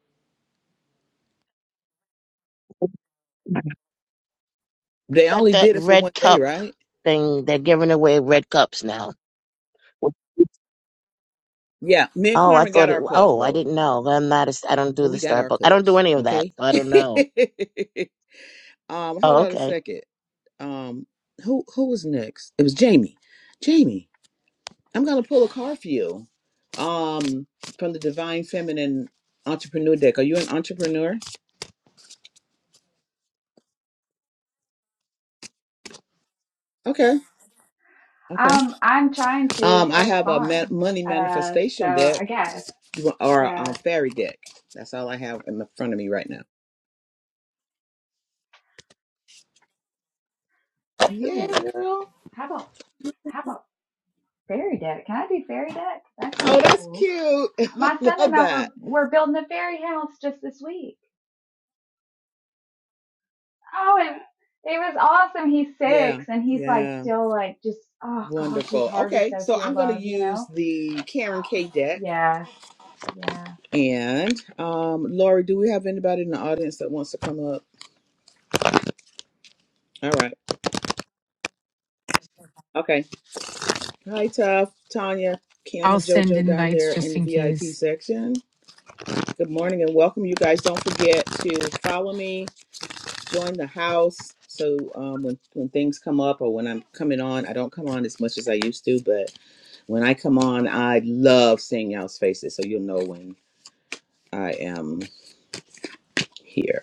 Speaker 2: They
Speaker 11: Got
Speaker 2: only
Speaker 11: that
Speaker 2: did it for one
Speaker 11: red
Speaker 2: day,
Speaker 11: cup
Speaker 2: right?
Speaker 11: thing. They're giving away red cups now.
Speaker 2: Yeah, me and
Speaker 11: Oh, I
Speaker 2: Carmen got
Speaker 11: thought it.
Speaker 2: our cups
Speaker 11: Oh, I
Speaker 2: both.
Speaker 11: didn't know. I'm not. A, I don't
Speaker 2: Oh,
Speaker 11: do the
Speaker 2: we got our
Speaker 11: Starbucks. I don't do
Speaker 2: cups.
Speaker 11: any of that.
Speaker 2: Okay.
Speaker 11: So I don't know.
Speaker 2: um, hold
Speaker 11: Oh,
Speaker 2: on a
Speaker 11: okay.
Speaker 2: second. Um, who who was next? It was Jamie. Jamie, I'm gonna pull a card for you. Um, from the Divine Feminine Entrepreneur deck. Are you an entrepreneur? Okay. Okay.
Speaker 13: Um, I'm trying to
Speaker 2: Um, I
Speaker 13: start a
Speaker 2: have a ma-
Speaker 13: farm.
Speaker 2: money
Speaker 13: Uh, so
Speaker 2: manifestation deck
Speaker 13: I guess,
Speaker 2: You want- or a um,
Speaker 13: yeah.
Speaker 2: fairy deck. That's all I have in the front of me right now. Yeah,
Speaker 13: Ooh,
Speaker 2: girl.
Speaker 13: how about how about fairy deck? Can I do fairy deck? That
Speaker 2: Oh,
Speaker 13: sounds
Speaker 2: that's
Speaker 13: cool.
Speaker 2: cute. I
Speaker 13: My son and
Speaker 2: love
Speaker 13: I
Speaker 2: that.
Speaker 13: were were building a fairy house just this week. Oh, and it was awesome. He's
Speaker 2: Yeah.
Speaker 13: six and he's like
Speaker 2: Yeah.
Speaker 13: still like just oh gosh, his
Speaker 2: Wonderful.
Speaker 13: heart is
Speaker 2: Okay,
Speaker 13: so
Speaker 2: so
Speaker 13: pure
Speaker 2: I'm going to
Speaker 13: love, you
Speaker 2: use
Speaker 13: know?
Speaker 2: the Karen K deck.
Speaker 13: Yeah. Yeah.
Speaker 2: And um, Lori, do we have anybody in the audience that wants to come up? All right. Okay. Hi, Tough, Tanya, Kim,
Speaker 1: I'll
Speaker 2: and
Speaker 1: send
Speaker 2: JoJo down there
Speaker 1: invites
Speaker 2: in
Speaker 1: just
Speaker 2: the
Speaker 1: in
Speaker 2: VIP
Speaker 1: case.
Speaker 2: section. Good morning and welcome. You guys don't forget to follow me, join the house. So um, when, when things come up or when I'm coming on, I don't come on as much as I used to, but when I come on, I love seeing y'all's faces. So you'll know when I am. here.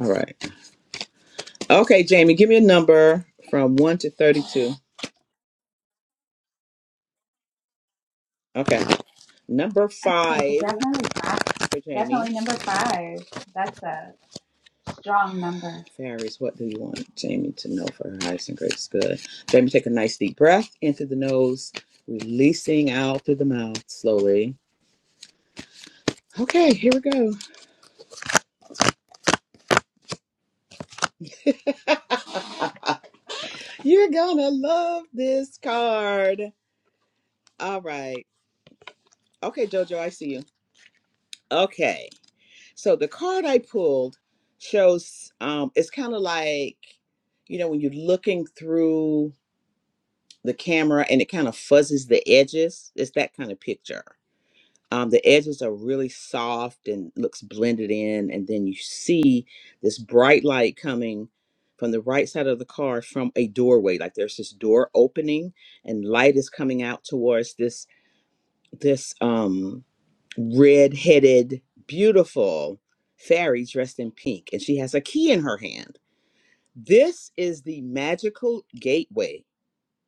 Speaker 2: All right. Okay, Jamie, give me a number from 1 to 32. Okay. Number
Speaker 13: Okay.
Speaker 2: 5
Speaker 13: Definitely five.
Speaker 2: for Jamie.
Speaker 13: Definitely number five. That's a strong number.
Speaker 2: Fairies, what do you want Jamie to know for her highest and greatest good? Jamie, take a nice deep breath in through the nose, releasing out through the mouth slowly. Okay, here we go. You're gonna love this card. All right. Okay, Jojo, I see you. Okay. So the card I pulled shows um, it's kind of like, you know, when you're looking through the camera and it kind of fuzzes the edges. It's that kind of picture. Um, the edges are really soft and looks blended in, and then you see this bright light coming from the right side of the car from a doorway. Like there's this door opening, and light is coming out towards this this um red-headed, beautiful fairy dressed in pink, and she has a key in her hand. This is the magical gateway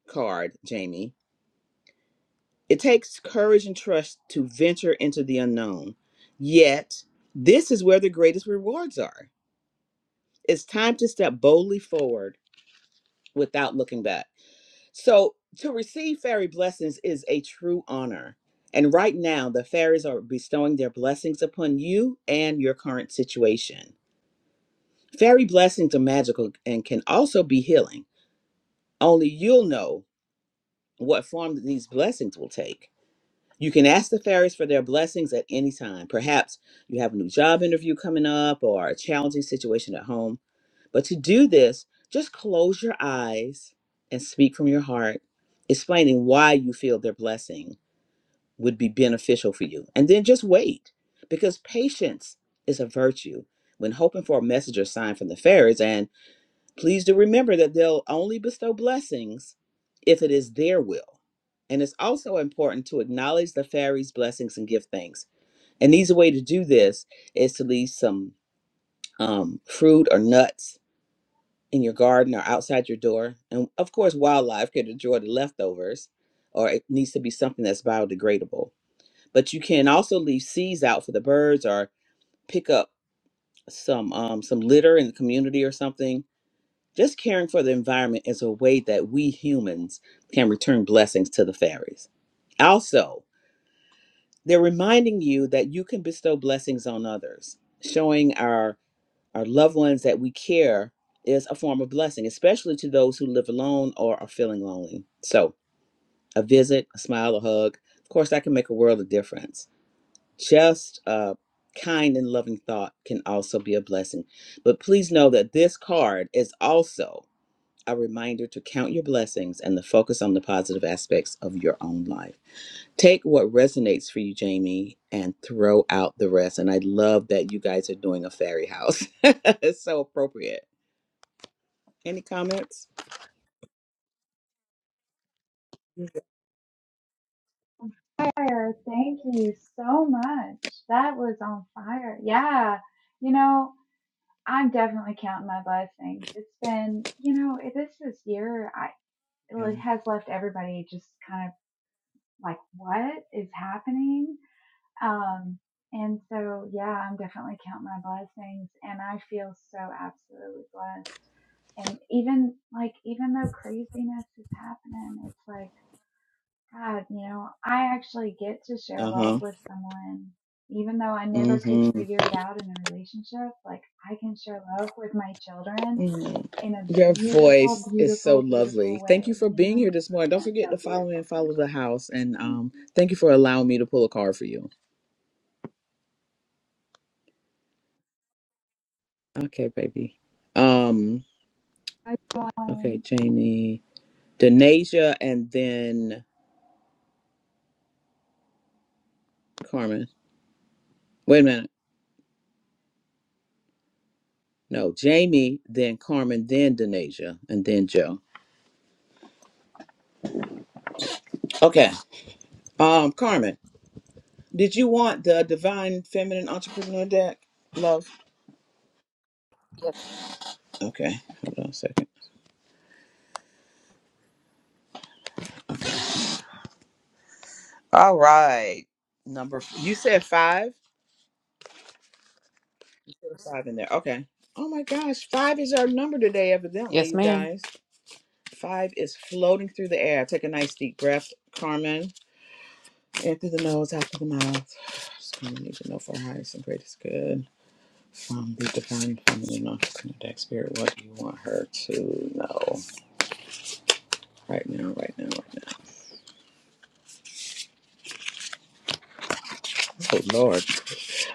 Speaker 2: card, Jamie. It takes courage and trust to venture into the unknown. Yet, this is where the greatest rewards are. It's time to step boldly forward without looking back. So, to receive fairy blessings is a true honor. And right now, the fairies are bestowing their blessings upon you and your current situation. Fairy blessings are magical and can also be healing. Only you'll know what form these blessings will take. You can ask the fairies for their blessings at any time. Perhaps you have a new job interview coming up or a challenging situation at home. But to do this, just close your eyes and speak from your heart, explaining why you feel their blessing would be beneficial for you. And then just wait, because patience is a virtue. When hoping for a message or sign from the fairies, and. Please do remember that they'll only bestow blessings if it is their will. And it's also important to acknowledge the fairies' blessings and give thanks. An easy way to do this is to leave some um, fruit or nuts in your garden or outside your door. And of course, wildlife could enjoy the leftovers, or it needs to be something that's biodegradable. But you can also leave seeds out for the birds or pick up some um, some litter in the community or something Just caring for the environment is a way that we humans can return blessings to the fairies. Also, they're reminding you that you can bestow blessings on others. Showing our our loved ones that we care is a form of blessing, especially to those who live alone or are feeling lonely. So, a visit, a smile, a hug, of course, that can make a world of difference. Just a kind and loving thought can also be a blessing. But please know that this card is also a reminder to count your blessings and to focus on the positive aspects of your own life. Take what resonates for you, Jamie, and throw out the rest. And I love that you guys are doing a fairy house. it's so appropriate. Any comments?
Speaker 13: Fire. Thank you so much. That was on fire. Yeah. You know, I'm definitely counting my blessings. It's been, you know, it- this this year I
Speaker 2: Yeah.
Speaker 13: it has left everybody just kind of like, what is happening? Um, and so, yeah, I'm definitely counting my blessings and I feel so absolutely blessed. And even like, even though craziness is happening, it's like, God, you know, I actually get to share
Speaker 2: Uh
Speaker 13: love
Speaker 2: huh.
Speaker 13: with someone. Even though I never could
Speaker 2: Mm-hmm.
Speaker 13: figure it out in a relationship, like I can share love with my children
Speaker 2: hmm
Speaker 13: in a
Speaker 2: Your
Speaker 13: beautiful,
Speaker 2: voice is so
Speaker 13: beautiful, beautiful
Speaker 2: lovely. Thank you
Speaker 13: way,
Speaker 2: for
Speaker 13: you
Speaker 2: being
Speaker 13: know?
Speaker 2: here this morning. Don't
Speaker 13: It's
Speaker 2: forget
Speaker 13: so
Speaker 2: to follow me
Speaker 13: beautiful.
Speaker 2: and
Speaker 13: Thank
Speaker 2: follow the
Speaker 13: you.
Speaker 2: house. And
Speaker 13: Thank
Speaker 2: um,
Speaker 13: you.
Speaker 2: thank you for allowing me to pull a card for you. Okay, baby. Um.
Speaker 13: I
Speaker 2: Okay,
Speaker 13: join.
Speaker 2: Jamie. Denasia and then Carmen. Wait a minute. No, Jamie, then Carmen, then Denasia. and then Joe. Okay. Um, Carmen, did you want the Divine Feminine Entrepreneur deck? Love. Okay. Hold on a second. Okay. All right. Number you said five? You said five in there. Okay. Oh my gosh. Five is our number today, evidently,
Speaker 4: yes,
Speaker 2: you
Speaker 4: ma'am.
Speaker 2: guys. Five is floating through the air. Take a nice deep breath, Carmen. In through the nose, out through the mouth. Just gonna need to know for the highest and greatest good from the divine feminine non-synodic spirit what you want her to know right now, right now, right now. Oh Lord.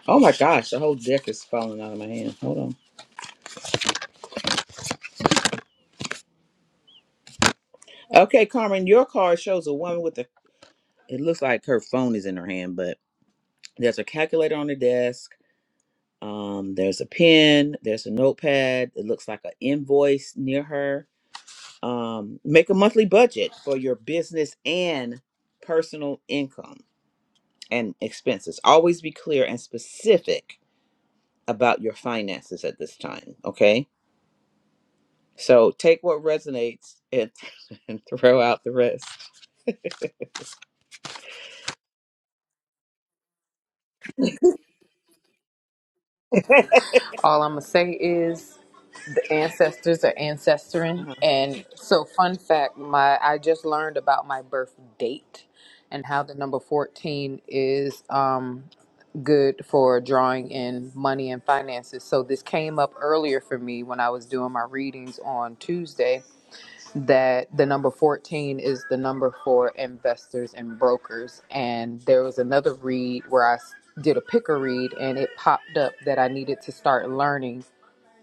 Speaker 2: Oh my gosh, the whole deck is falling out of my hand. Hold on. Okay, Carmen, your card shows a woman with a it looks like her phone is in her hand, but there's a calculator on the desk. Um, there's a pen, there's a notepad, it looks like an invoice near her um, make a monthly budget for your business and personal income and expenses. Always be clear and specific about your finances at this time. Okay. So take what resonates and, and throw out the rest.
Speaker 4: All I'm gonna say is the ancestors are ancestoring
Speaker 2: Uh-huh.
Speaker 4: and so fun fact my i just learned about my birth date and how the number 14 is um good for drawing in money and finances so this came up earlier for me when i was doing my readings on tuesday that the number 14 is the number for investors and brokers and there was another read where i s- did a picker read and it popped up that i needed to start learning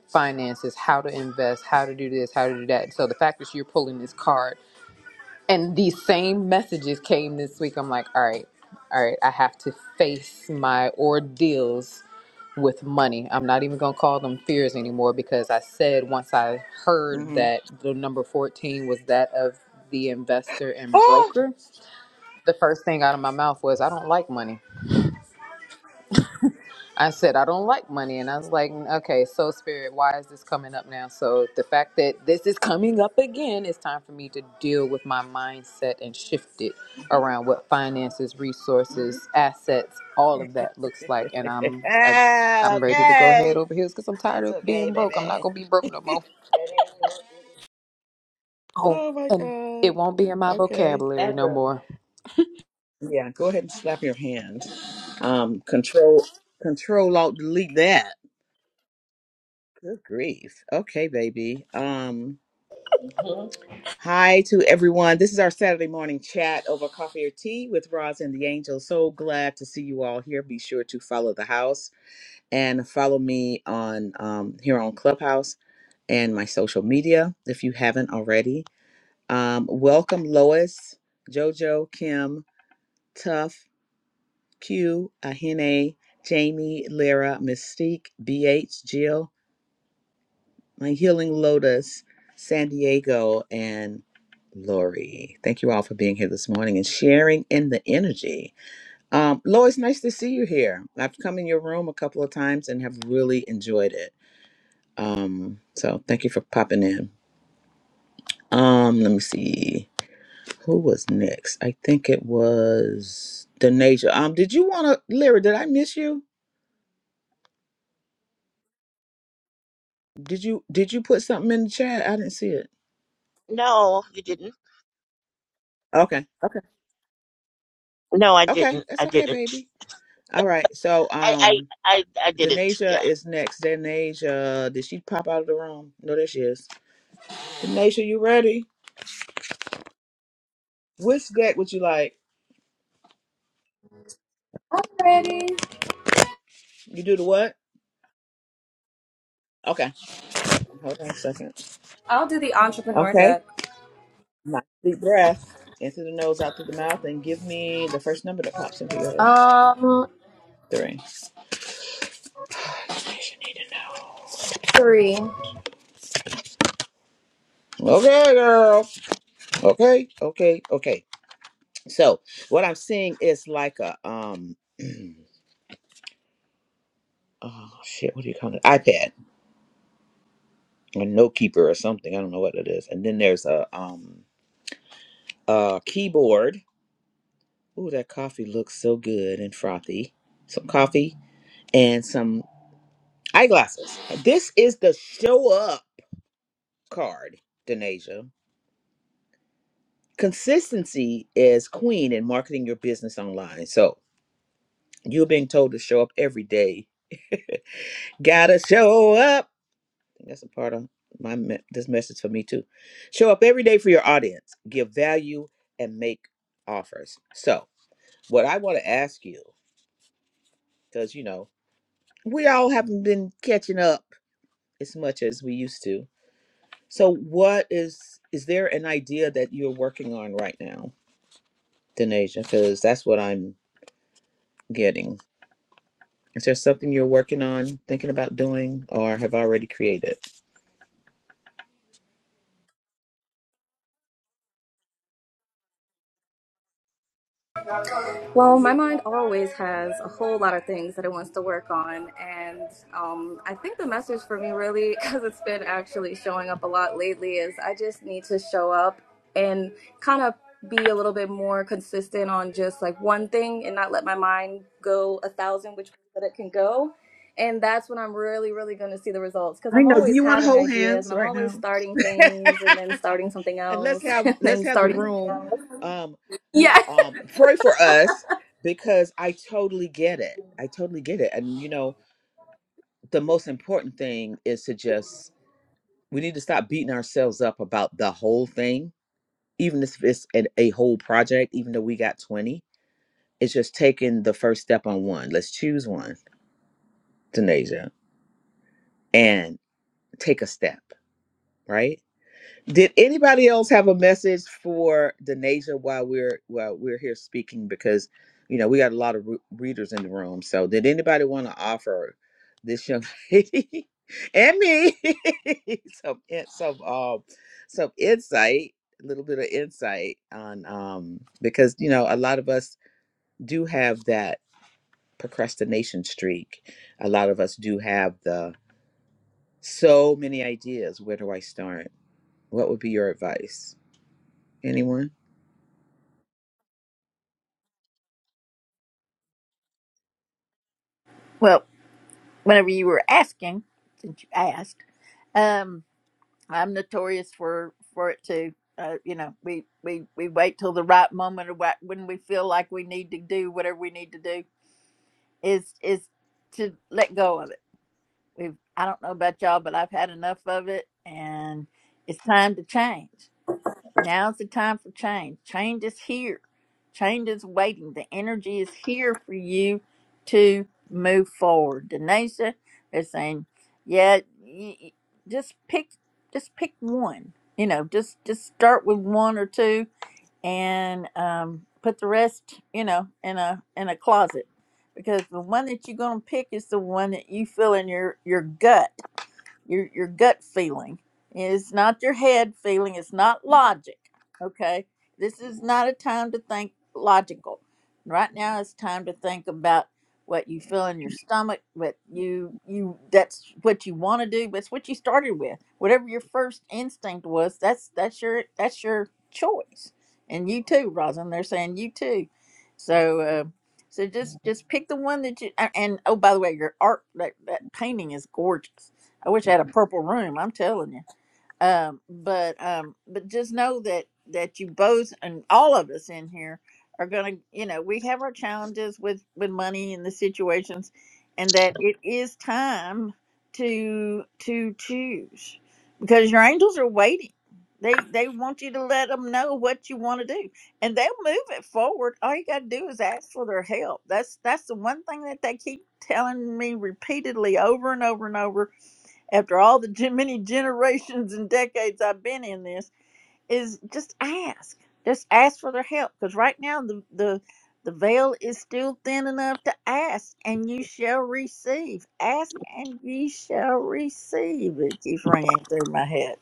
Speaker 4: finances, how to invest, how to do this, how to do that. So the fact that you're pulling this card and these same messages came this week, I'm like, all right, all right, I have to face my ordeals with money. I'm not even going to call them fears anymore because I said once I heard
Speaker 2: hmm
Speaker 4: that the number 14 was that of the investor and
Speaker 2: Oh,
Speaker 4: broker, the first thing out of my mouth was, I don't like money. I said, I don't like money. And I was like, "Mm, okay, so spirit, why is this coming up now? So the fact that this is coming up again, it's time for me to deal with my mindset and shift it around what finances, resources, assets, all of that looks like. And I'm, I,
Speaker 2: ah,
Speaker 4: I'm ready to go head
Speaker 2: okay.
Speaker 4: over heels because I'm tired
Speaker 2: That's
Speaker 4: of
Speaker 2: okay,
Speaker 4: being broke. I'm not
Speaker 2: baby.
Speaker 4: going to be broke no more. Oh,
Speaker 2: Oh my
Speaker 4: and
Speaker 2: God.
Speaker 4: it won't be in my
Speaker 2: Okay.
Speaker 4: vocabulary no Ever. more.
Speaker 2: Yeah, go ahead and slap your hand. Um, control, control, alt, delete that. Good grief. Okay, baby. Um, hi to everyone. This is our Saturday morning chat over coffee or tea with Roz and the Angel. So glad to see you all here. Be sure to follow the house and follow me on um, here on Clubhouse and my social media if you haven't already. Um, welcome, Lois, JoJo, Kim, Tough. Q, Ahene, Jamie, Lyra, Mystique, BH, Jill, My Healing Lotus, San Diego, and Lori. Thank you all for being here this morning and sharing in the energy. Um, Lori, it's nice to see you here. I've come in your room a couple of times and have really enjoyed it. Um, so thank you for popping in. Um, let me see. Who was next? I think it was Denasia. Um, did you wanna Lyra, did I miss you? Did you did you put something in the chat? I didn't see it.
Speaker 11: No, you didn't.
Speaker 2: Okay. Okay.
Speaker 11: No, I
Speaker 2: Okay.
Speaker 11: didn't. I
Speaker 2: That's okay,
Speaker 11: didn't.
Speaker 2: baby. All right. So
Speaker 11: I, I,
Speaker 2: um
Speaker 11: I, I didn't.
Speaker 2: Danasia
Speaker 11: Yeah.
Speaker 2: is next. Danasia, did she pop out of the room? No, there she is. Danasia, you ready? Which deck would you like?
Speaker 10: Ready?
Speaker 2: You do the what? Okay. Hold on a second.
Speaker 10: I'll do the entrepreneur
Speaker 2: Okay.
Speaker 10: deck.
Speaker 2: Nice deep breath. In through the nose, out through the mouth, and give me the first number that pops into your head.
Speaker 10: Um,
Speaker 2: Three.
Speaker 10: three.
Speaker 2: Okay, girl. Okay. Okay. Okay. So what I'm seeing is like a um oh shit, what do you call it? iPad, a note keeper or something. I don't know what it is. And then there's a um a keyboard. Ooh, that coffee looks so good and frothy. Some coffee and some eyeglasses. This is the show up card, Denasia. Consistency is queen in marketing your business online. So you're being told to show up every day. Gotta show up think that's a part of my me- this message for me too. Show up every day for your audience, give value, and make offers. So, what I want to ask you, because you know we all haven't been catching up as much as we used to. So, what is is there an idea that you're working on right now, Denasia? Because that's what I'm getting. Is there something you're working on, thinking about doing, or have already created?
Speaker 10: Well, my mind always has a whole lot of things that it wants to work on. And um, I think the message for me, really, because it's been actually showing up a lot lately, is I just need to show up and kind of be a little bit more consistent on just like one thing and not let my mind go a thousand which ways that it can go. And that's when I'm really, really going to see the results because
Speaker 2: I
Speaker 10: I'm
Speaker 2: know. Do
Speaker 10: always
Speaker 2: you want to
Speaker 10: having
Speaker 2: hold
Speaker 10: ideas
Speaker 2: hands
Speaker 10: and I'm
Speaker 2: right
Speaker 10: always
Speaker 2: now?
Speaker 10: starting things and then starting something
Speaker 2: and let's
Speaker 10: else
Speaker 2: have
Speaker 10: and
Speaker 2: let's
Speaker 10: then
Speaker 2: have the
Speaker 10: starting something
Speaker 2: room
Speaker 10: else.
Speaker 2: um
Speaker 10: Yeah.
Speaker 2: um pray for us because i totally get it i totally get it and you know the most important thing is to just we need to stop beating ourselves up about the whole thing even if it's an, a whole project even though we got 20 it's just taking the first step on one let's choose one Denasia, and take a step right Did anybody else have a message for Denasia while we're while we're here speaking? Because you know we got a lot of re- readers in the room. So did anybody want to offer this young lady and me some in- some um some insight, a little bit of insight on um because you know a lot of us do have that procrastination streak. A lot of us do have the so many ideas. Where do I start? What would be your advice? Anyone?
Speaker 8: Well. whenever you were asking, since you asked, um, I'm notorious for for it too. Uh, you know, we we we wait till the right moment or what when we feel like we need to do whatever we need to do is is to let go of it. We've I don't know about y'all, but I've had enough of it, and it's time to change. Now's the time for change. Change is here. Change is waiting. The energy is here for you to move forward. Denisha is saying, yeah, y- y- just pick, just pick one. You know, just just start with one or two, and um, put the rest, you know, in a in a closet, because the one that you're gonna pick is the one that you feel in your your gut your your gut feeling. It's not your head feeling. It's not logic. Okay, this is not a time to think logical. Right now, it's time to think about what you feel in your stomach. What you you that's what you want to do. That's what you started with. Whatever your first instinct was, that's that's your that's your choice. And you too, Rosin. They're saying you too. So. Uh, so just just pick the one that you a- and oh by the way your art that, that painting is gorgeous I wish I had a purple room. I'm telling you. Um, but um, but just know that that you both and all of us in here are gonna, you know, we have our challenges with with money and the situations, and that it is time to to choose because your angels are waiting. They they want you to let them know what you want to do, and they'll move it forward. All you gotta do is ask for their help. That's that's the one thing that they keep telling me repeatedly over and over and over after all the gen- many generations and decades I've been in this, is just ask. Just ask for their help because right now the, the the veil is still thin enough to ask, and you shall receive. Ask and ye shall receive. It keeps ringing through my head.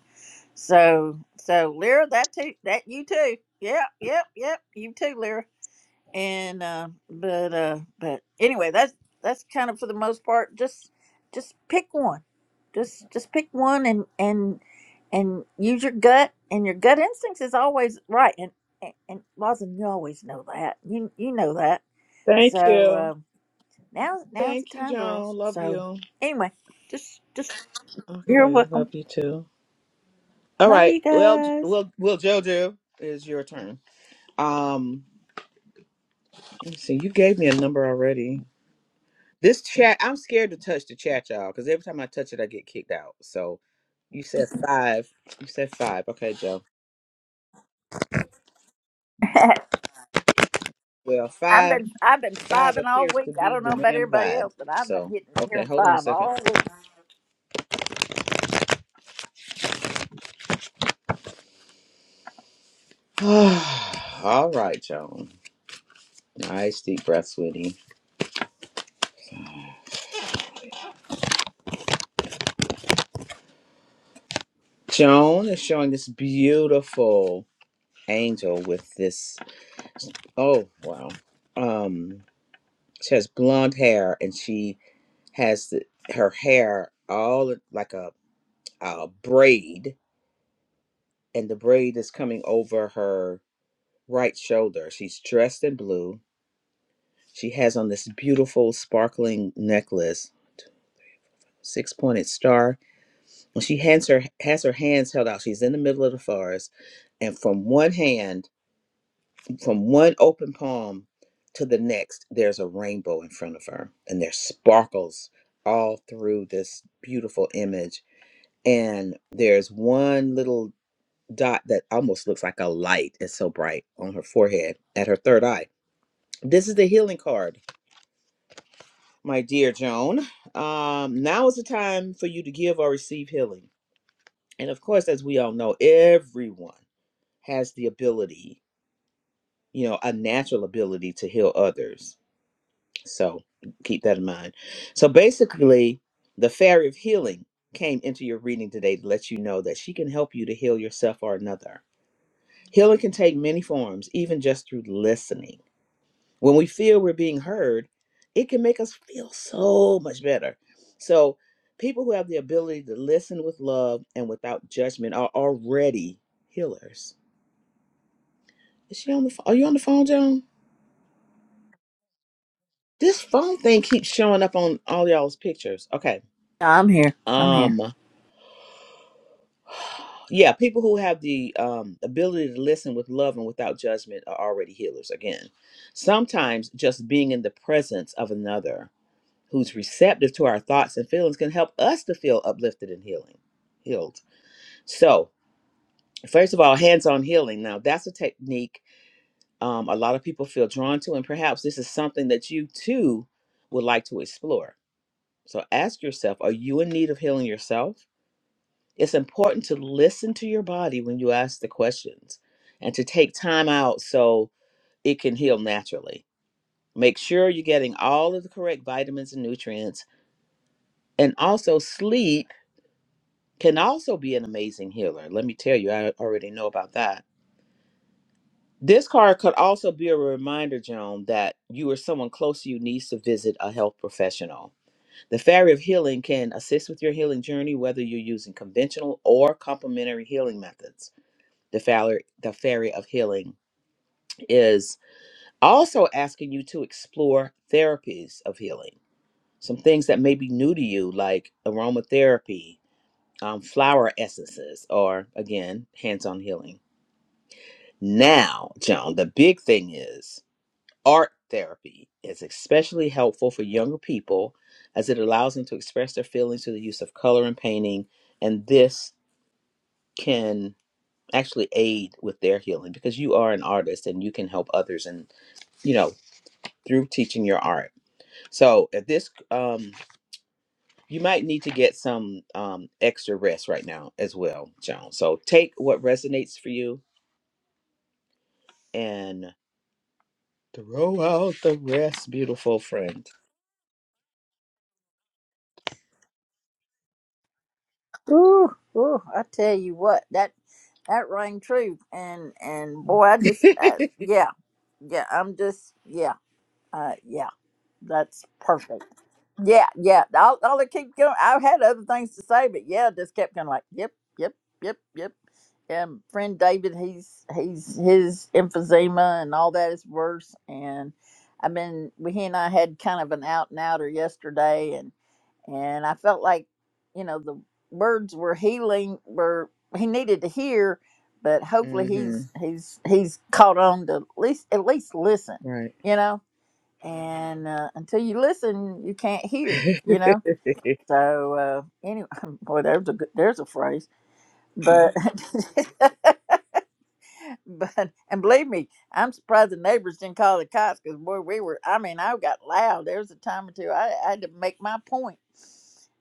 Speaker 8: So so Lyra, that too, that you too. Yep, yep, yep. You too, Lyra and uh, but uh, but anyway, that's that's kind of for the most part. Just just pick one, just just pick one, and and and use your gut, and your gut instincts is always right. And and, and Rosin, you always know that. You you know that.
Speaker 2: Thank
Speaker 8: So
Speaker 2: you.
Speaker 8: uh, now now's the
Speaker 2: Thank you,
Speaker 8: time,
Speaker 2: Joan.
Speaker 8: girls.
Speaker 2: Love
Speaker 8: So
Speaker 2: you.
Speaker 8: anyway, just just you're
Speaker 2: Okay, love
Speaker 8: welcome.
Speaker 2: you too. All
Speaker 8: Love
Speaker 2: right.
Speaker 8: you
Speaker 2: Well, J-
Speaker 8: guys.
Speaker 2: well, well, JoJo, is your turn. Um, let me see. You gave me a number already. This chat, I'm scared to touch the chat, y'all, because every time I touch it, I get kicked out. So you said five. You said five. Okay, Joe. Well,
Speaker 8: I've
Speaker 2: five,
Speaker 8: been I've been
Speaker 2: five
Speaker 8: five all
Speaker 2: appears
Speaker 8: week.
Speaker 2: to
Speaker 8: I
Speaker 2: be
Speaker 8: don't know
Speaker 2: the
Speaker 8: about
Speaker 2: damn
Speaker 8: everybody
Speaker 2: vibe.
Speaker 8: else, but I've been
Speaker 2: So,
Speaker 8: hitting
Speaker 2: okay,
Speaker 8: here
Speaker 2: hold on a
Speaker 8: five
Speaker 2: second.
Speaker 8: all week.
Speaker 2: All right, Joan. Nice deep breath, sweetie. Joan is showing this beautiful angel with this. Oh wow! Um, she has blonde hair and she has the, her hair all like a, a braid, and the braid is coming over her right shoulder. She's dressed in blue. She has on this beautiful sparkling necklace, six pointed star. When she hands her has her hands held out, she's in the middle of the forest, and from one hand From one open palm to the next, there's a rainbow in front of her, and there's sparkles all through this beautiful image. And there's one little dot that almost looks like a light. It's so bright on her forehead at her third eye. This is the healing card, my dear Joan. Um, now is the time for you to give or receive healing. And of course, as we all know, everyone has the ability, you know, a natural ability to heal others So keep that in mind. So basically, the fairy of healing came into your reading today to let you know that she can help you to heal yourself or another. Healing can take many forms, even just through listening. When we feel we're being heard, it can make us feel so much better. So, people who have the ability to listen with love and without judgment are already healers. Is she on the phone? Are you on the phone, Joan? This phone thing keeps showing up on all y'all's pictures. Okay.
Speaker 8: I'm here. I'm here.
Speaker 2: Um Yeah, people who have the um, ability to listen with love and without judgment are already healers. Again, sometimes just being in the presence of another who's receptive to our thoughts and feelings can help us to feel uplifted and healing, healed. So, first of all, hands-on healing. Now, that's a technique um, a lot of people feel drawn to, and perhaps this is something that you too would like to explore. So, ask yourself: Are you in need of healing yourself? It's important to listen to your body when you ask the questions and to take time out so it can heal naturally. Make sure you're getting all of the correct vitamins and nutrients. And also, sleep can also be an amazing healer. Let me tell you, I already know about that. This card could also be a reminder, Joan, that you or someone close to you needs to visit a health professional. The Fairy of Healing can assist with your healing journey, whether you're using conventional or complementary healing methods. the fairy the fairy of healing is also asking you to explore therapies of healing some things that may be new to you like aromatherapy um, flower essences or again hands-on healing now joan the big thing is art therapy is especially helpful for younger people as it allows them to express their feelings through the use of color and painting and this can actually aid with their healing because you are an artist and you can help others in you know through teaching your art so at this um you might need to get some um extra rest right now as well joan so take what resonates for you and throw out the rest beautiful friend
Speaker 8: Ooh, ooh, I tell you what, that that rang true, and and boy, I just, uh, yeah, yeah, I'm just, yeah, uh, yeah, that's perfect. Yeah, yeah, I'll, I'll keep going. I had other things to say, but yeah, just kept going like, yep, yep, yep, yep. Um, friend David, he's he's his emphysema and all that is worse, and I've been, we he and I had kind of an out and outer yesterday, and I felt like, you know, the words were healing were he needed to hear, but hopefully
Speaker 2: mm-hmm
Speaker 8: he's he's he's caught on to at least at least listen,
Speaker 2: right
Speaker 8: you know. And uh, until you listen, you can't hear, you know. So uh, anyway, boy, there's a good, there's a phrase, but but and believe me, I'm surprised the neighbors didn't call the cops because boy, we were. I mean, I got loud. There was a time or two I, I had to make my point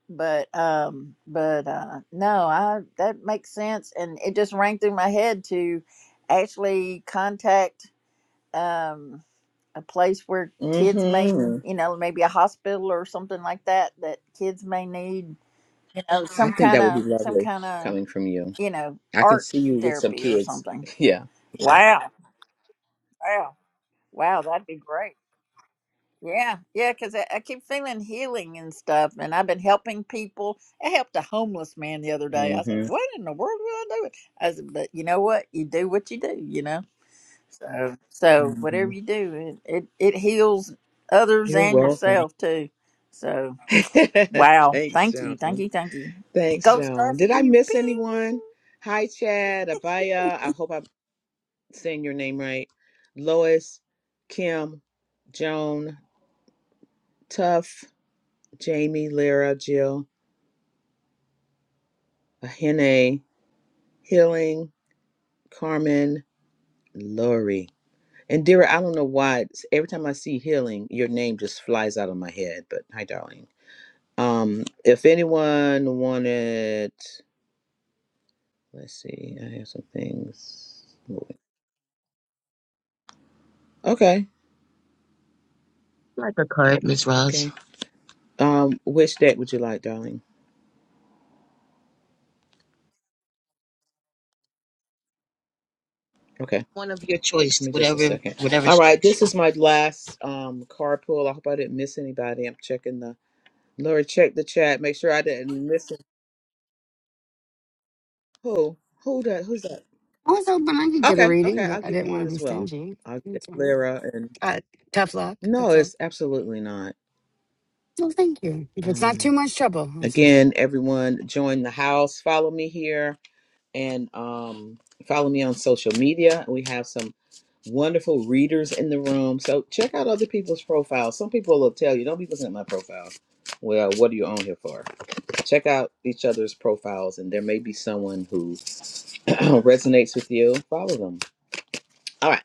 Speaker 8: but um but uh no i that makes sense and it just rang through my head to actually contact um a place where kids may
Speaker 2: mm-hmm
Speaker 8: you know maybe a hospital or something like that that kids may need you know
Speaker 2: i
Speaker 8: some
Speaker 2: think
Speaker 8: kind
Speaker 2: that would be
Speaker 8: of some
Speaker 2: lovely
Speaker 8: kind of
Speaker 2: coming from you
Speaker 8: you know
Speaker 2: i can
Speaker 8: art
Speaker 2: see you with some
Speaker 8: therapy or
Speaker 2: kids
Speaker 8: something
Speaker 2: yeah yeah
Speaker 8: wow wow wow that'd be great Yeah, yeah, because I, I keep feeling healing and stuff, and I've been helping people. I helped a homeless man the other day. I said,
Speaker 2: mm-hmm,
Speaker 8: "What in the world will I do?" it?" I said, "But you know what? You do what you do, you know. So, so
Speaker 2: mm-hmm.
Speaker 8: whatever you do, it it, it heals others
Speaker 2: you're
Speaker 8: and
Speaker 2: welcome
Speaker 8: yourself too. So, wow,
Speaker 2: thanks
Speaker 8: thank you,
Speaker 2: joan
Speaker 8: thank you, thank you.
Speaker 2: Thanks,
Speaker 8: Gold star
Speaker 2: Joan.
Speaker 8: for
Speaker 2: Did I
Speaker 8: you,
Speaker 2: miss
Speaker 8: ping.
Speaker 2: anyone? Hi, Chad, Abaya. I hope I'm saying your name right. Lois, Kim, Joan, Tuff, Jamie, Lyra, Jill, Ahene, Healing, Carmen, Lori. And Dira, I don't know why. it's- Every time I see healing, your name just flies out of my head. But hi, darling. Um, if anyone wanted, let's see. I have some things moving. Okay.
Speaker 11: Like a card, Miss
Speaker 2: Okay.
Speaker 11: Roz.
Speaker 2: Um, which deck would you like, darling? Okay,
Speaker 11: One of your
Speaker 2: give
Speaker 11: choice,
Speaker 2: me just a
Speaker 11: whatever,
Speaker 2: second.
Speaker 11: whatever
Speaker 2: All right,
Speaker 11: strikes
Speaker 2: this
Speaker 11: you.
Speaker 2: is my last um carpool. I hope I didn't miss anybody. I'm checking the Lord, check the chat. Make sure I didn't miss it. Who? Who that? Who's that?
Speaker 14: I was hoping I could get a
Speaker 2: Okay,
Speaker 14: reading,
Speaker 2: okay, I'll
Speaker 14: but I
Speaker 2: give you
Speaker 14: didn't want
Speaker 2: one
Speaker 14: to be
Speaker 2: as well.
Speaker 14: stingy.
Speaker 2: I'll get
Speaker 14: Okay.
Speaker 2: Lyra and
Speaker 14: Uh, tough luck.
Speaker 2: no,
Speaker 14: That's all.
Speaker 2: it's absolutely not.
Speaker 14: Well, thank you. If it's not
Speaker 2: Um,
Speaker 14: too much trouble, that's all.
Speaker 2: again, everyone, join the house. Follow me here. and um, follow me on social media. We have some wonderful readers in the room. So check out other people's profiles. Some people will tell you, don't be looking at my profile. Well, what are you on here for? Check out each other's profiles, and there may be someone who resonates with you. Follow them. All right,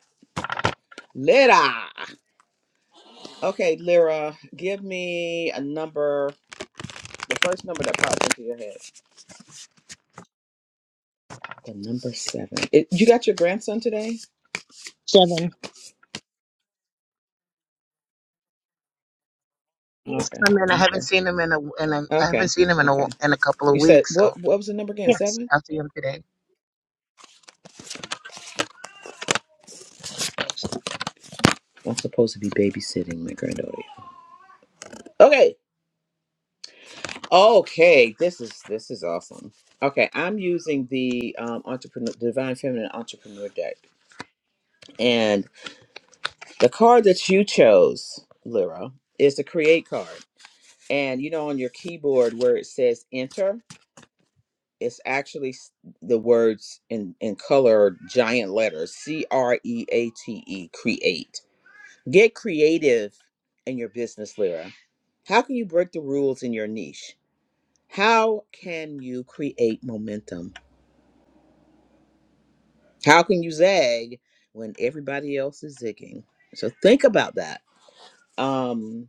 Speaker 2: Lyra. Okay, Lyra, give me a number. The first number that pops into your head. The number seven. It, you got your grandson today?
Speaker 11: Seven. He's
Speaker 2: Okay.
Speaker 11: coming. I haven't
Speaker 2: Okay.
Speaker 11: seen him in a, in a I haven't
Speaker 2: Okay.
Speaker 11: seen him in
Speaker 2: Okay.
Speaker 11: a, in a couple of
Speaker 2: You said
Speaker 11: weeks.
Speaker 2: what?
Speaker 11: So
Speaker 2: What was the number again?
Speaker 11: yes,
Speaker 2: Seven.
Speaker 11: I'll see him today. Yes.
Speaker 2: I'm supposed to be babysitting my granddaughter. Okay. Okay. This is this is awesome. Okay, I'm using the um, entrepreneur, divine feminine entrepreneur deck, and the card that you chose, Lyra, is the create card. And you know, on your keyboard where it says enter, it's actually s- the words in in color, giant letters, C R E A T E, create. create. Get creative in your business, Lyra. How can you break the rules in your niche? How can you create momentum? How can you zag when everybody else is zigging? So think about that. Um,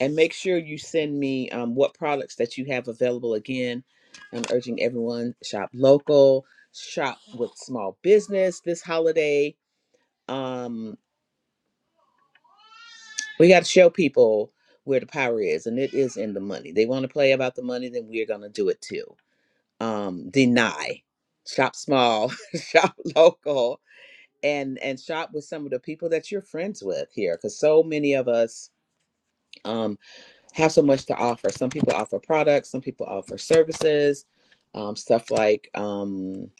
Speaker 2: and make sure you send me um, what products that you have available. Again, I'm urging everyone shop local, shop with small business this holiday. Um, We got to show people where the power is, and it is in the money. They want to play about the money, then we're going to do it too. Um, deny, shop small, shop local, and and shop with some of the people that you're friends with here, because so many of us um, have so much to offer. Some people offer products, some people offer services, um, stuff like um,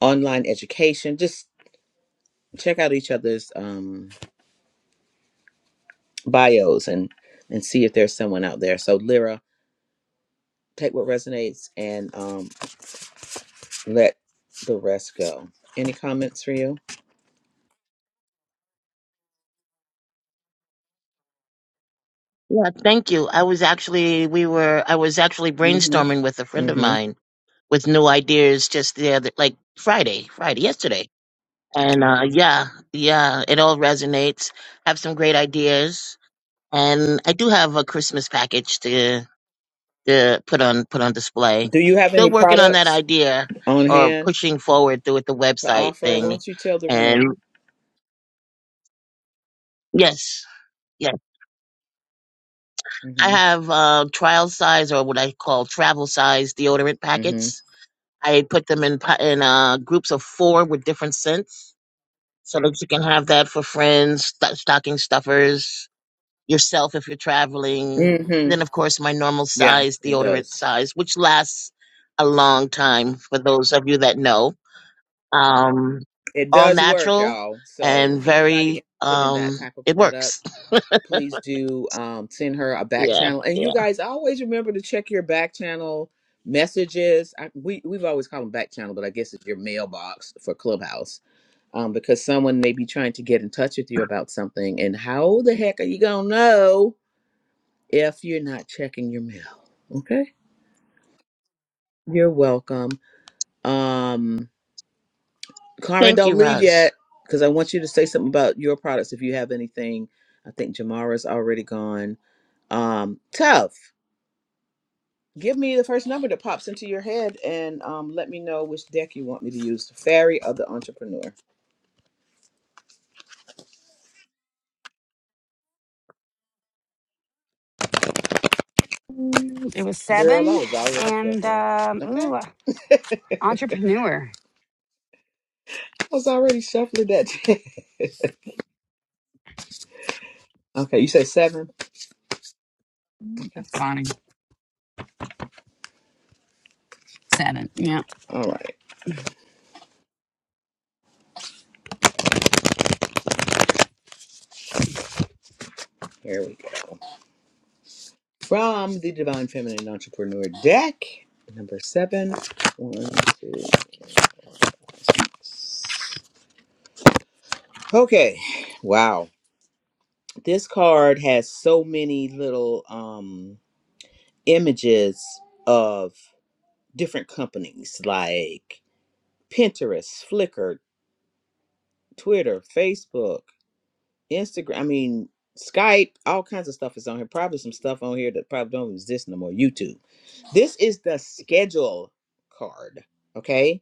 Speaker 2: online education. Just check out each other's um, bios and and see if there's someone out there. So Lyra take what resonates and um, let the rest go. Any comments for you?
Speaker 11: Yeah. Thank you. I was actually, we were, I was actually
Speaker 2: hmm
Speaker 11: brainstorming with a friend of
Speaker 2: hmm
Speaker 11: mine with new ideas just the other, like Friday, Friday, yesterday. And uh, yeah, yeah, it all resonates. I have some great ideas, and I do have a Christmas package to. to put on put on display.
Speaker 2: Do you have any
Speaker 11: Still working on that
Speaker 2: products
Speaker 11: idea
Speaker 2: on
Speaker 11: or
Speaker 2: hand
Speaker 11: pushing forward through with the
Speaker 2: to
Speaker 11: website
Speaker 2: offer? Why
Speaker 11: thing.
Speaker 2: don't you tell the
Speaker 11: And
Speaker 2: room?
Speaker 11: yes, yes, I
Speaker 2: hmm
Speaker 11: have uh, trial size or what I call travel size deodorant
Speaker 2: hmm
Speaker 11: packets. I put them in pa- in uh, groups of four with different scents, so that you can have that for friends, st- stocking stuffers, yourself if you're traveling,
Speaker 2: hmm
Speaker 11: and then of course my normal
Speaker 2: Yeah,
Speaker 11: size
Speaker 2: it
Speaker 11: deodorant
Speaker 2: does.
Speaker 11: size, which lasts a long time for those of you that know Um,
Speaker 2: It
Speaker 11: all
Speaker 2: does work,
Speaker 11: natural
Speaker 2: y'all. So
Speaker 11: and very,
Speaker 2: anybody interested in that
Speaker 11: um,
Speaker 2: type of
Speaker 11: it works.
Speaker 2: product, please do um, send her a back
Speaker 11: Yeah.
Speaker 2: channel. And you
Speaker 11: Yeah.
Speaker 2: guys always remember to check your back channel messages. I, we we've always called them back channel, but I guess it's your mailbox for Clubhouse um, because someone may be trying to get in touch with you about something. And how the heck are you going to know if you're not checking your mail? Okay. You're welcome. Um, Carmen,
Speaker 11: Thank
Speaker 2: don't
Speaker 11: you,
Speaker 2: leave
Speaker 11: Raj.
Speaker 2: yet because I want you to say something about your products if you have anything. I think Jamara's already gone. Um, Tough, give me the first number that pops into your head and um, let me know which deck you want me to use the fairy or the entrepreneur.
Speaker 14: Mm, it was
Speaker 2: Girl,
Speaker 14: seven,
Speaker 2: I was already
Speaker 14: and
Speaker 2: shuffling.
Speaker 14: um,
Speaker 2: Okay.
Speaker 14: ooh, entrepreneur.
Speaker 2: I was already shuffling that. Okay, you say seven?
Speaker 14: Mm, That's funny. Seven. Yeah.
Speaker 2: All right, here we go. From the Divine Feminine Entrepreneur deck, number seven. One, two. six. Okay, wow. This card has so many little um, images of different companies like Pinterest, Flickr, Twitter, Facebook, Instagram. I mean, Skype, all kinds of stuff is on here. Probably some stuff on here that probably don't exist no more. YouTube. This is the schedule card, okay?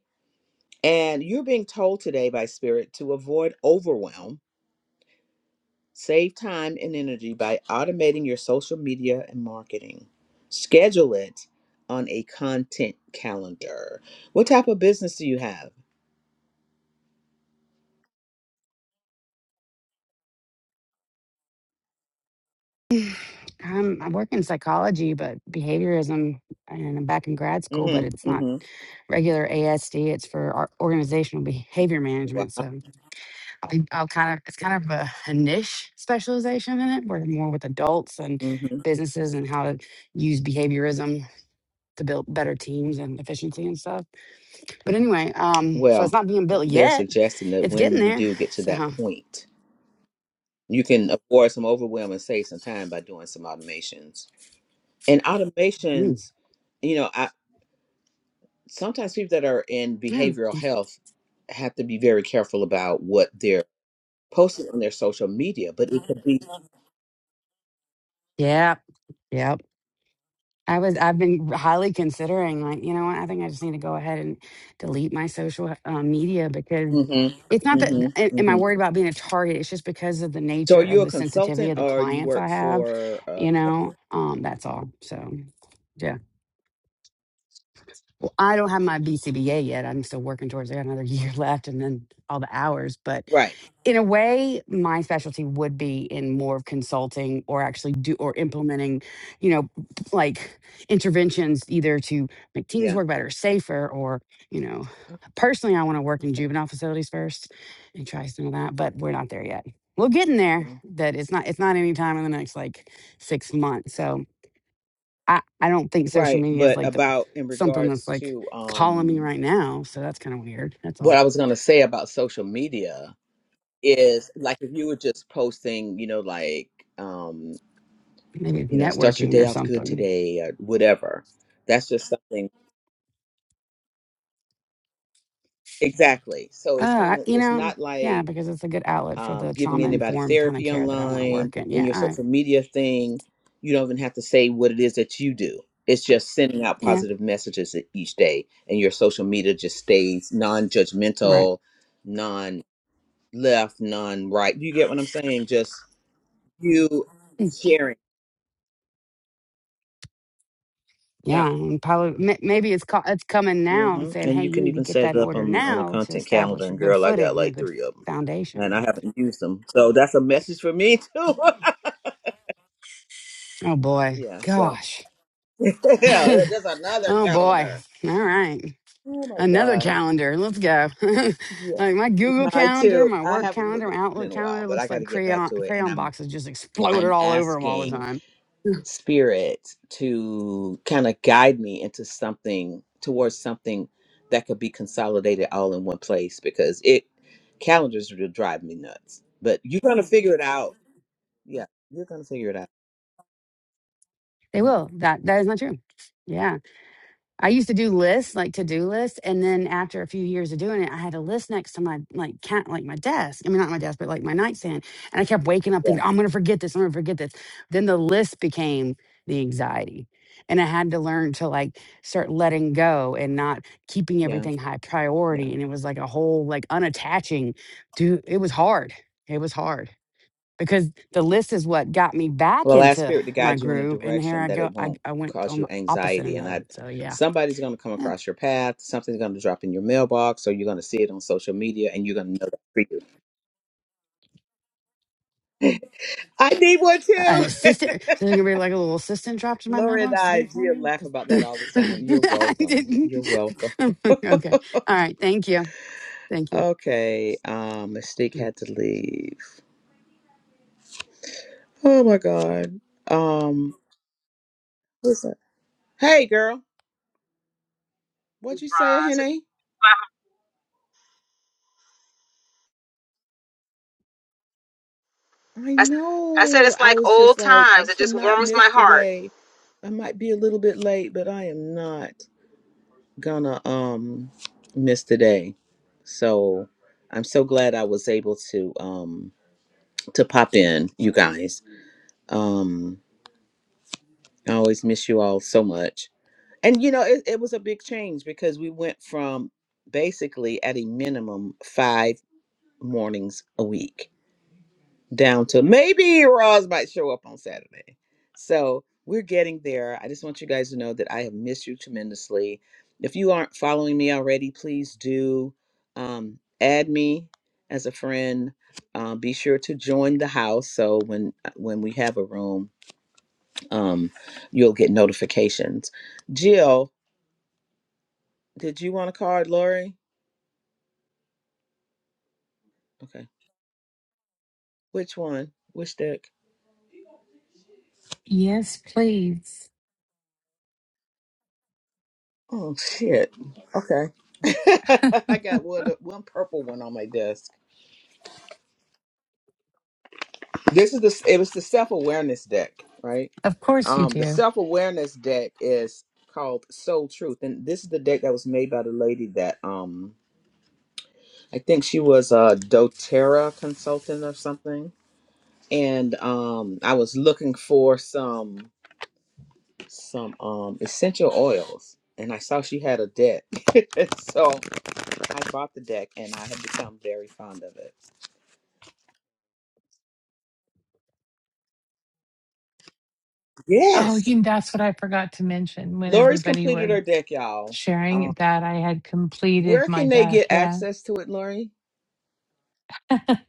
Speaker 2: And you're being told today by Spirit to avoid overwhelm, save time and energy by automating your social media and marketing. Schedule it on a content calendar. What type of business do you have?
Speaker 14: Um, I work in psychology, but behaviorism, and I'm back in grad school, but it's
Speaker 2: Mm-hmm.
Speaker 14: not
Speaker 2: Mm-hmm.
Speaker 14: regular ASD. It's for our organizational behavior management.
Speaker 2: Wow.
Speaker 14: So. I'll I'll kind of, it's kind of a, a niche specialization in it. We're more with adults and
Speaker 2: Mm-hmm.
Speaker 14: businesses and how to use behaviorism to build better teams and efficiency and stuff. But anyway, um, so it's
Speaker 2: Well,
Speaker 14: not being built
Speaker 2: they're
Speaker 14: yet.
Speaker 2: suggesting that
Speaker 14: It's
Speaker 2: when
Speaker 14: getting
Speaker 2: you
Speaker 14: there.
Speaker 2: do get to that
Speaker 14: So,
Speaker 2: point, you can avoid some overwhelm and save some time by doing some automations. and
Speaker 14: mm,
Speaker 2: automations you know I, sometimes people that are in
Speaker 14: yeah.
Speaker 2: behavioral health have to be very careful about what they're posting on their social media but it could be
Speaker 14: Yeah. Yep. I was I've been highly considering like you know what I think I just need to go ahead and delete my social um, media because
Speaker 2: Mhm,
Speaker 14: it's not that
Speaker 2: mhm,
Speaker 14: a- am I
Speaker 2: mhm.
Speaker 14: worried about being a target it's just because of the
Speaker 2: so are
Speaker 14: nature
Speaker 2: you
Speaker 14: of
Speaker 2: a
Speaker 14: the sensitivity
Speaker 2: consultant
Speaker 14: of the
Speaker 2: or you
Speaker 14: clients
Speaker 2: work
Speaker 14: I have
Speaker 2: for uh
Speaker 14: you know um that's all so yeah well I don't have my BCBA yet I'm still working towards I got another year left and then all the hours but
Speaker 2: right
Speaker 14: in a way my specialty would be in more of consulting or actually do or implementing you know like interventions either to make teams
Speaker 2: yeah
Speaker 14: work better safer or you know personally i want to work in juvenile facilities first and try some of that but we're not there yet we're getting there
Speaker 2: Okay.
Speaker 14: that it's not it's not any time in the next like six months so i i don't think social
Speaker 2: right
Speaker 14: media is
Speaker 2: but
Speaker 14: like the
Speaker 2: about in
Speaker 14: something that's
Speaker 2: regards
Speaker 14: like
Speaker 2: to
Speaker 14: calling me
Speaker 2: um
Speaker 14: right now so that's kind of weird that's
Speaker 2: what
Speaker 14: all
Speaker 2: i was going to say about social media is like if you were just posting you know like um,
Speaker 14: maybe it's
Speaker 2: you know, start your
Speaker 14: networking
Speaker 2: day
Speaker 14: or
Speaker 2: off good
Speaker 14: something
Speaker 2: today or whatever. That's just something exactly. So it's kind
Speaker 14: Uh,
Speaker 2: of
Speaker 14: you
Speaker 2: it's
Speaker 14: know,
Speaker 2: not
Speaker 14: yeah,
Speaker 2: like
Speaker 14: because it's a good outlet for
Speaker 2: um,
Speaker 14: the
Speaker 2: giving
Speaker 14: trauma
Speaker 2: anybody
Speaker 14: informed kind of
Speaker 2: therapy
Speaker 14: care that I want to
Speaker 2: online
Speaker 14: work in.
Speaker 2: in
Speaker 14: Yeah,
Speaker 2: your
Speaker 14: all right.
Speaker 2: social media thing. You don't even have to say what it is that you do. It's just sending out
Speaker 14: Yeah,
Speaker 2: positive messages e- each day, and your social media just stays
Speaker 14: right.
Speaker 2: non-judgmental, non-left, non-right. You get what I'm saying? Just you sharing.
Speaker 14: Yeah, and probably ma- maybe it's call, it's coming now and
Speaker 2: hmm
Speaker 14: saying,
Speaker 2: And
Speaker 14: "Hey,
Speaker 2: you
Speaker 14: you
Speaker 2: can
Speaker 14: need to
Speaker 2: even
Speaker 14: get
Speaker 2: set
Speaker 14: that
Speaker 2: it
Speaker 14: in
Speaker 2: up
Speaker 14: order
Speaker 2: on on a
Speaker 14: now to
Speaker 2: content calendar.
Speaker 14: establish a
Speaker 2: And
Speaker 14: good
Speaker 2: girl, I got
Speaker 14: footing, you know,
Speaker 2: like
Speaker 14: good
Speaker 2: three of them, and I
Speaker 14: foundation."
Speaker 2: haven't used them. So that's a message for me too.
Speaker 14: Oh boy,
Speaker 2: yeah. So
Speaker 14: gosh.
Speaker 2: yeah, there's another
Speaker 14: oh boy.
Speaker 2: calendar.
Speaker 14: All right,
Speaker 2: Oh my
Speaker 14: another
Speaker 2: god.
Speaker 14: calendar. Let's go. like
Speaker 2: Yeah.
Speaker 14: my Google
Speaker 2: Mine
Speaker 14: calendar,
Speaker 2: too.
Speaker 14: my
Speaker 2: I
Speaker 14: work
Speaker 2: haven't
Speaker 14: calendar,
Speaker 2: looked at
Speaker 14: my
Speaker 2: mine
Speaker 14: Outlook
Speaker 2: in a while,
Speaker 14: calendar
Speaker 2: but I
Speaker 14: looks
Speaker 2: got
Speaker 14: like
Speaker 2: to get back
Speaker 14: crayon
Speaker 2: to it. And
Speaker 14: crayon
Speaker 2: I'm
Speaker 14: boxes just exploded
Speaker 2: I'm
Speaker 14: all over them all the
Speaker 2: asking.
Speaker 14: time.
Speaker 2: spirit to kind of guide me into something towards something that could be consolidated all in one place because it calendars will drive me nuts. But you're gonna figure it out. Yeah, you're gonna figure it out.
Speaker 14: They
Speaker 2: Mhm.
Speaker 14: will. That that is not true. Yeah. I used to do lists, like to-do lists, and then after a few years of doing it, I had a list next to my like cat, like my desk. I mean, not my desk, but like my nightstand. And I kept waking up thinking,
Speaker 2: Yeah,
Speaker 14: "Oh, "I'm going to forget this. I'm going to forget this." Then the list became the anxiety, and I had to learn to like start letting go and not keeping
Speaker 2: yeah,
Speaker 14: everything high
Speaker 2: yeah.
Speaker 14: priority. And it was like a whole like unattaching. Dude, it was hard. It was hard because the list is what got me back
Speaker 2: Well, ask
Speaker 14: into
Speaker 2: spirit to
Speaker 14: my
Speaker 2: guide you in a
Speaker 14: groove. And here
Speaker 2: direction
Speaker 14: I
Speaker 2: that
Speaker 14: go.
Speaker 2: it
Speaker 14: I
Speaker 2: won't
Speaker 14: I went
Speaker 2: cause
Speaker 14: on
Speaker 2: you
Speaker 14: the opposite
Speaker 2: anxiety,
Speaker 14: end
Speaker 2: and
Speaker 14: of
Speaker 2: I
Speaker 14: it. So yeah.
Speaker 2: somebody's gonna come across your path. Something's gonna drop in your mailbox, or you're gonna see it on social media, and you're gonna know that for you. I need one
Speaker 14: an
Speaker 2: too.
Speaker 14: assistant. So there's gonna be like a little assistant dropped in my
Speaker 2: Lori and
Speaker 14: mailbox to do
Speaker 2: I,
Speaker 14: it for
Speaker 2: Gia,
Speaker 14: me.
Speaker 2: laugh
Speaker 14: 'Cause-
Speaker 2: about that all the time. You're
Speaker 14: I
Speaker 2: welcome.
Speaker 14: didn't.
Speaker 2: You're welcome.
Speaker 14: okay. All right. Thank you. Thank you.
Speaker 2: Okay. Um, Mystique had to leave. Oh my God. Um, listen. Hey, girl. What'd
Speaker 6: Ron's.
Speaker 2: you say, Henny? I
Speaker 6: I said, I said
Speaker 2: know.
Speaker 6: it's
Speaker 2: I
Speaker 6: like
Speaker 2: was just
Speaker 6: old
Speaker 2: like, I
Speaker 6: times. It just
Speaker 2: cannot
Speaker 6: warms
Speaker 2: miss
Speaker 6: my heart.
Speaker 2: today. I might be a little bit late, but I am not gonna um miss today. So I'm so glad I was able to um to pop in, you guys. Um. I always miss you all so much. And you know, it, it was a big change because we went from basically at a minimum five mornings a week down to maybe Roz might show up on Saturday. So we're getting there. I just want you guys to know that I have missed you tremendously. If you aren't following me already, please do um, add me as a friend. Uh, be sure to join the house so when uh, when we have a room um, you'll get notifications. Jill, did you want a card, Lori? Okay. Which one? Which deck?
Speaker 1: Yes, please.
Speaker 2: Oh shit. Okay. I got one, one purple one on my desk. This is the it was the self awareness deck, right?
Speaker 1: Of course you
Speaker 2: Um, the
Speaker 1: do.
Speaker 2: self awareness deck is called Soul Truth, and this is the deck that was made by the lady that um I think she was a DoTerra consultant or something, and um I was looking for some. some um essential oils and I saw she had a deck. so I bought the deck and I have become very fond of it.
Speaker 1: Oh,
Speaker 2: Yes.
Speaker 1: you that's what I forgot to mention when
Speaker 2: Lori's
Speaker 1: everybody
Speaker 2: completed
Speaker 1: was
Speaker 2: her deck, y'all. Um
Speaker 1: sharing that I had completed
Speaker 2: where
Speaker 1: my
Speaker 2: can they get
Speaker 1: deck. Yeah.
Speaker 2: access to it, Lori?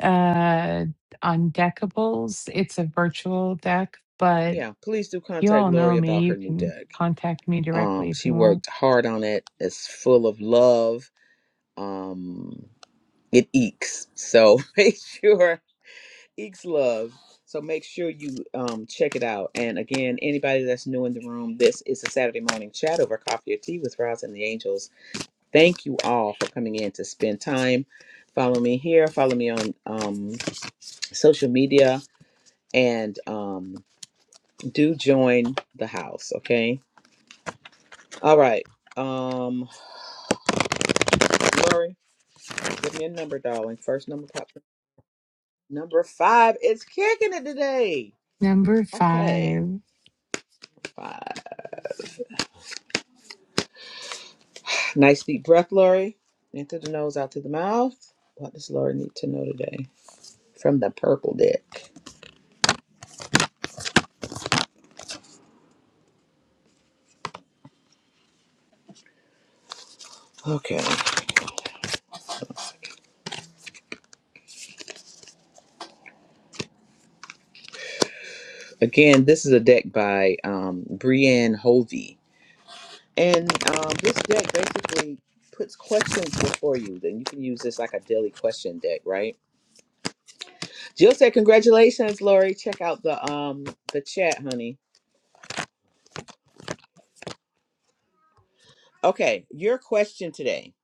Speaker 1: uh on Deckables. It's a virtual deck, but
Speaker 2: Yeah, please do
Speaker 1: you
Speaker 2: contact
Speaker 1: all know
Speaker 2: Lori
Speaker 1: me.
Speaker 2: about
Speaker 1: You
Speaker 2: her new
Speaker 1: can
Speaker 2: deck.
Speaker 1: contact me directly
Speaker 2: Um
Speaker 1: if
Speaker 2: she
Speaker 1: you want.
Speaker 2: worked hard on it. It's full of love. Um it eeks. So make sure Geeks Love. So make sure you um, check it out. And again, anybody that's new in the room, this is a Saturday morning chat over coffee or tea with Roz and the Angels. Thank you all for coming in to spend time. Follow me here. Follow me on um, social media, and um, do join the house. Okay. All right. Um, Lori, give me a number, darling. First number, pop- number five. It's kicking it today.
Speaker 1: Number
Speaker 2: Okay,
Speaker 1: five,
Speaker 2: five. Nice deep breath, Lori. In through the nose, out through the mouth. What does Lori need to know today? From the purple deck. Okay. Again, this is a deck by um, Brienne Hovey. And um, this deck basically puts questions before you. Then you can use this like a daily question deck, right? Jill said, Congratulations, Lori. Check out the um the chat, honey. Okay, your question today.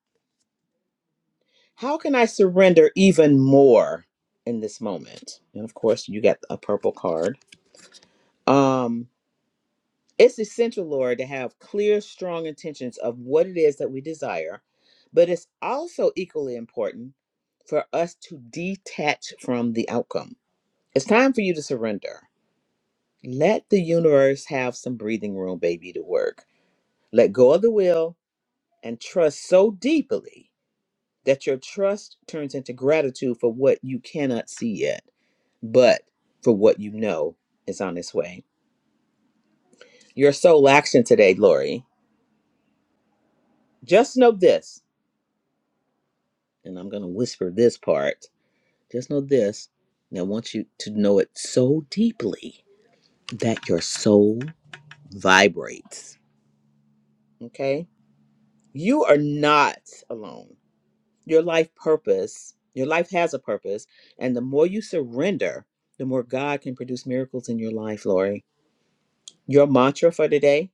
Speaker 2: How can I surrender even more in this moment? And of course, you got a purple card. Um, it's essential, Lord, to have clear, strong intentions of what it is that we desire, but it's also equally important for us to detach from the outcome. It's time for you to surrender. Let the universe have some breathing room, baby, to work. Let go of the will and trust so deeply that your trust turns into gratitude for what you cannot see yet, but for what you know is on its way. Your sole action today, Lori Just know this, and I'm going to whisper this part. Just know this, and I want you to know it so deeply that your soul vibrates. Okay? You are not alone. Your life purpose, your life has a purpose, and the more you surrender, the more God can produce miracles in your life, Lori. Your mantra for today,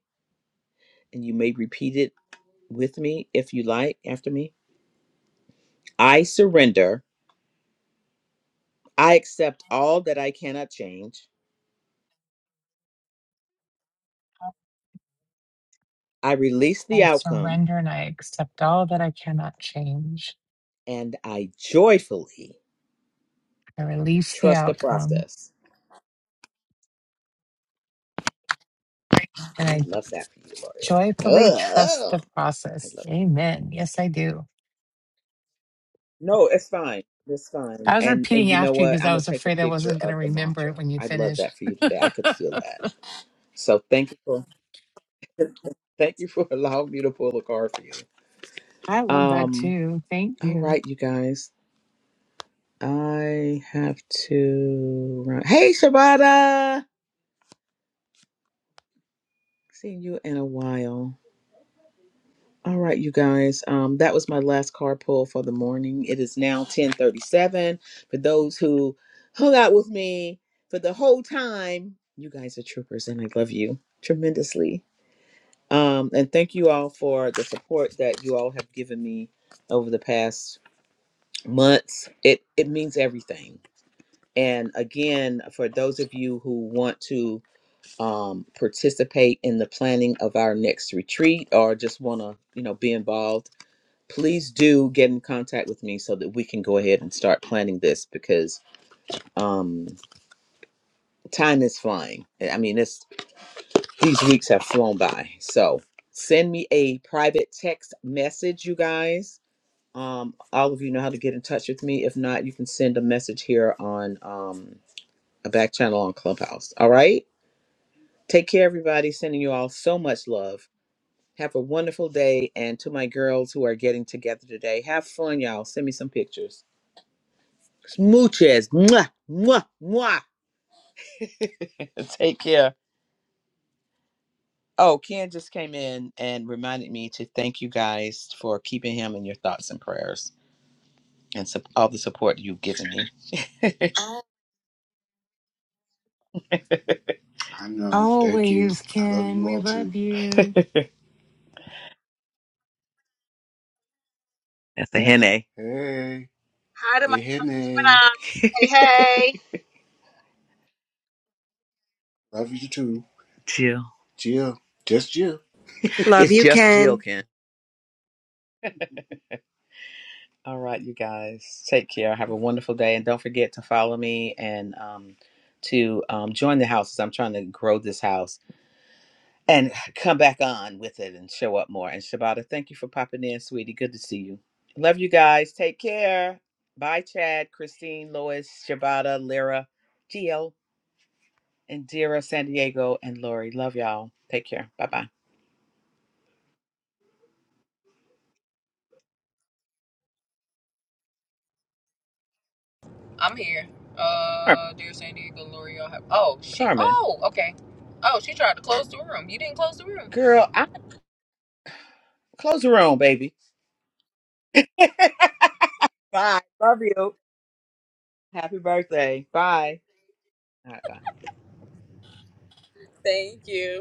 Speaker 2: and you may repeat it with me if you like after me I surrender. I accept all that I cannot change. I release the
Speaker 1: I
Speaker 2: outcome
Speaker 1: surrender and I accept all that I cannot change.
Speaker 2: and I joyfully
Speaker 1: I release the
Speaker 2: trust the
Speaker 1: outcome
Speaker 2: process.
Speaker 1: and
Speaker 2: I
Speaker 1: I
Speaker 2: love that for you, Lori.
Speaker 1: joyfully trust
Speaker 2: Ugh.
Speaker 1: the
Speaker 2: I
Speaker 1: process.
Speaker 2: love
Speaker 1: Amen. Yes, I do.
Speaker 2: No, it's fine. It's fine.
Speaker 1: I was
Speaker 2: And and
Speaker 1: repeating
Speaker 2: you know
Speaker 1: after you
Speaker 2: what?
Speaker 1: because
Speaker 2: I'm
Speaker 1: I
Speaker 2: gonna
Speaker 1: was
Speaker 2: take a
Speaker 1: afraid I
Speaker 2: picture
Speaker 1: wasn't going to
Speaker 2: of the
Speaker 1: remember
Speaker 2: mantra.
Speaker 1: it when you
Speaker 2: I love
Speaker 1: finished.
Speaker 2: that for you today. I could feel that. So thank you for thank you for allowing me to pull a card for you.
Speaker 1: I love that
Speaker 2: Um
Speaker 1: too. Thank
Speaker 2: all
Speaker 1: you.
Speaker 2: right, you guys. I have to run. Hey Shabata! Seen you in a while. All right, you guys. Um, that was my last card pull for the morning. It is now ten thirty-seven. For those who hung out with me for the whole time, you guys are troopers, and I love you tremendously. Um, and thank you all for the support that you all have given me over the past months. It it means everything. And again, for those of you who want to um, participate in the planning of our next retreat, or just want to, you know, be involved please do get in contact with me so that we can go ahead and start planning this because um time is flying. I mean this these weeks have flown by. So send me a private text message, you guys. Um all of you know how to get in touch with me. If not, you can send a message here on um a back channel on Clubhouse. All right? Take care everybody. Sending you all so much love. Have a wonderful day and to my girls who are getting together today. Have fun, y'all. Send me some pictures. Smooches. Mwah, mwah, mwah. Take care. Oh, Ken just came in and reminded me to thank you guys for keeping him in your thoughts and prayers and sup- all the support you've given me. I know. Thank you.
Speaker 1: Always
Speaker 2: I love you
Speaker 1: can we
Speaker 2: all too.
Speaker 1: love you.
Speaker 2: That's a henna. Hey,
Speaker 6: Hi to my
Speaker 2: hey, hey,
Speaker 6: Gemini. Hey, hey.
Speaker 2: love you too. Jill. Jill, just Jill.
Speaker 5: Love
Speaker 2: It's
Speaker 5: you,
Speaker 2: just Jill,
Speaker 5: Ken.
Speaker 2: Ken. All right, you guys. Take care. Have a wonderful day. And don't forget to follow me and um, to um, join the house I'm trying to grow this house and come back on with it and show up more. And Shabata, thank you for popping in, sweetie. Good to see you. Love you guys. Take care. Bye, Chad, Christine, Lois, Shabata, Lyra, Gio, and Dira, San Diego, and Lori. Love y'all. Take care. Bye bye.
Speaker 4: I'm here.
Speaker 2: Carmen,
Speaker 4: Uh, dear San Diego, L'Oreal. Have, oh, she.
Speaker 2: Carmen,
Speaker 4: Oh, okay. Oh, she tried to close the room. You didn't close the room.
Speaker 2: girl, I close the room, baby. Bye. Love you. Happy birthday. Bye. All right, then.
Speaker 4: Thank you.